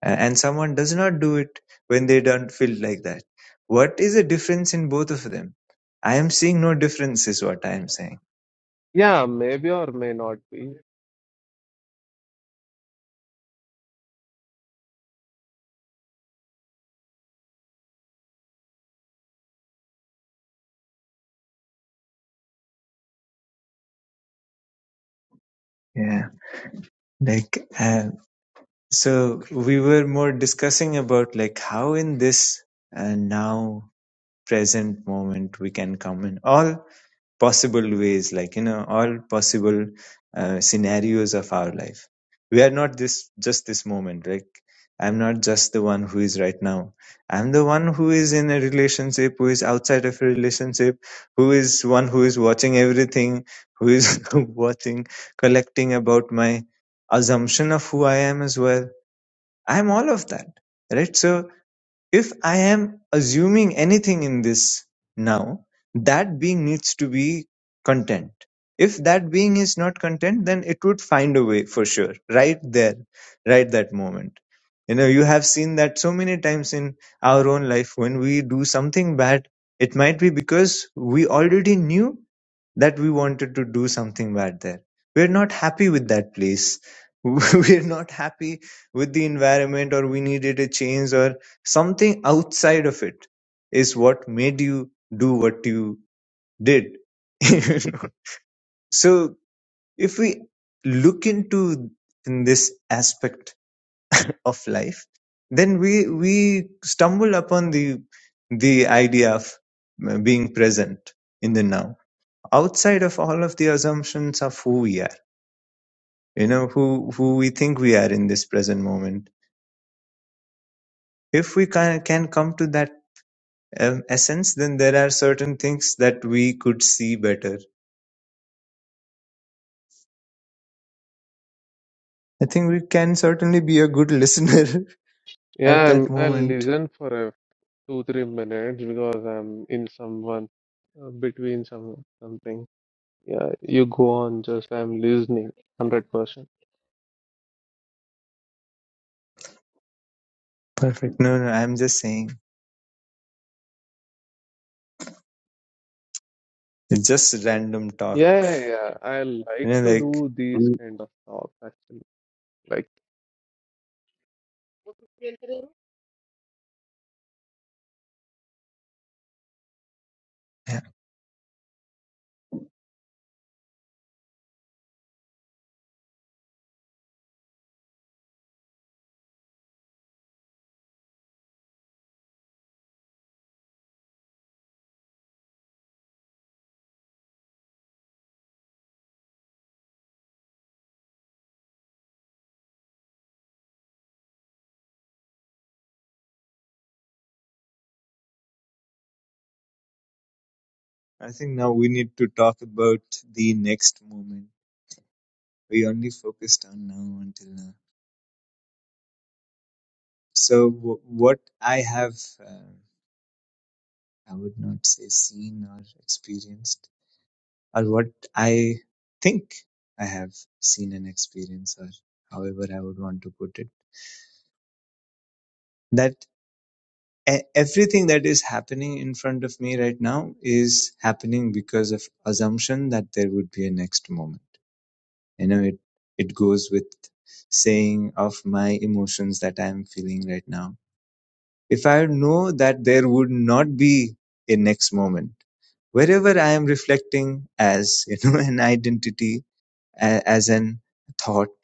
a- and someone does not do it when they don't feel like that what is the difference in both of them i am seeing no difference is what i am saying
Yeah, maybe or may not be.
yeah like Uh, So we were more discussing about like how in this and now present moment we can come in all possible ways, like you know, all possible uh, scenarios of our life. We are not this just this moment. Like I'm not just the one who is right now. I'm the one who is in a relationship, who is outside of a relationship, who is one who is watching everything, who is watching, collecting about my assumption of who I am as well I'm all of that, right? So if I am assuming anything in this now, that being needs to be content. If that being is not content, then it would find a way for sure, right there, right that moment. You know, you have seen that so many times in our own life when we do something bad, it might be because we already knew that we wanted to do something bad there. We're not happy with that place. We're not happy with the environment, or we needed a change, or something outside of it is what made you do what you did. You know? so, if we look into in this aspect of life, then we we stumble upon the the idea of uh, being present in the now outside of all of the assumptions of who we are you know who who we think we are in this present moment if we can, can come to that um, essence then there are certain things that we could see better i think we can certainly be a good listener at
Yeah,
that
I'm, I'll
moment
listen for. two three minutes because I'm in someone uh, between some something. Yeah, you go on. Just I'm listening, hundred percent.
perfect no no i'm just saying it's just random talk
Yeah, yeah, yeah. I
you
like
know
to
like
do these kind of talks actually. Like,
yeah. i think now we need to talk about the next moment we only focused on now until now so w- what i have uh, I would not say seen or experienced, or what I think I have seen and experienced, or however I would want to put it. That e- everything that is happening in front of me right now is happening because of assumption that there would be a next moment. You know, it it goes with saying of my emotions that I am feeling right now. If I know that there would not be a next moment wherever I am reflecting as you know an identity, as an thought,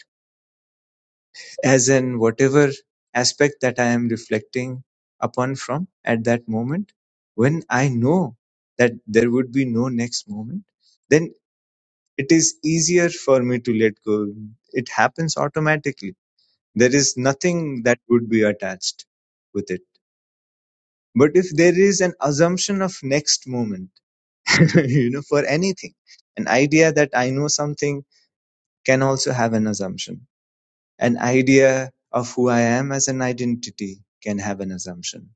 as an whatever aspect that I am reflecting upon from at that moment, when I know that there would be no next moment, then it is easier for me to let go. It happens automatically. There is nothing that would be attached with it. But if there is an assumption of next moment, you know, for anything, an idea that I know something can also have an assumption. An idea of who I am as an identity can have an assumption.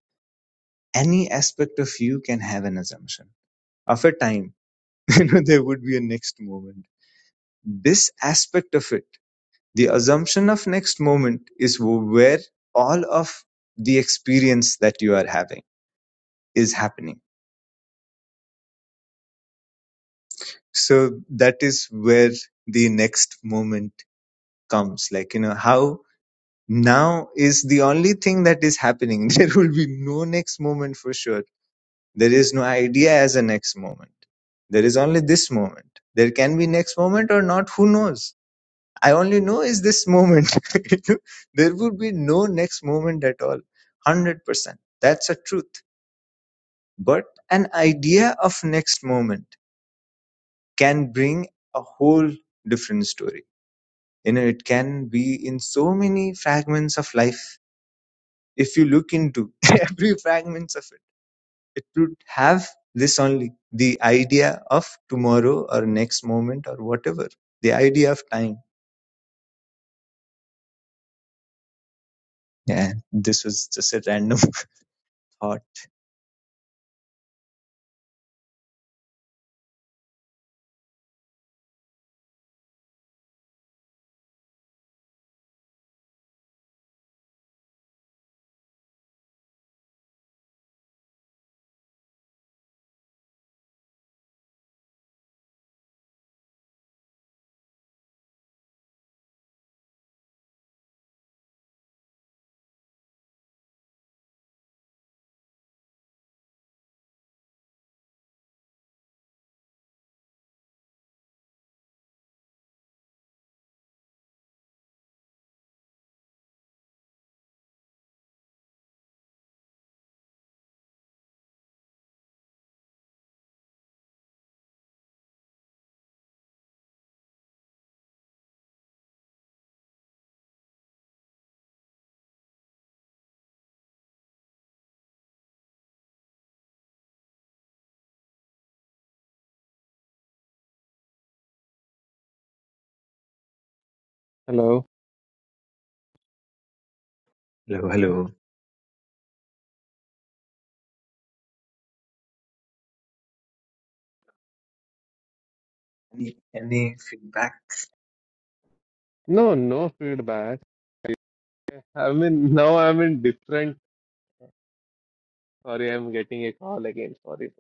Any aspect of you can have an assumption. After time, you know, there would be a next moment. This aspect of it, the assumption of next moment is where all of the experience that you are having is happening. So that is where the next moment comes. Like, you know, how now is the only thing that is happening. There will be no next moment for sure. There is no idea as a next moment. There is only this moment. There can be next moment or not. Who knows? I only know is this moment. there would be no next moment at all. 100%. That's a truth. But an idea of next moment can bring a whole different story. You know, it can be in so many fragments of life if you look into every fragments of it it would have this only the idea of tomorrow or next moment or whatever the idea of time yeah this was just a random thought
hello.
hello hello any, any feedback
No, no feedback. I mean, now I'm in different. Sorry, I'm getting a call again. Sorry.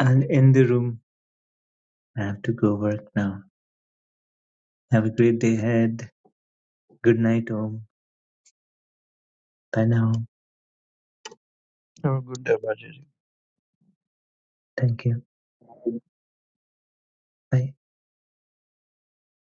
i'll end the room i have to go work now have a great day ahead good night om bye now
Oh, good day, Bajaj.
thank you bye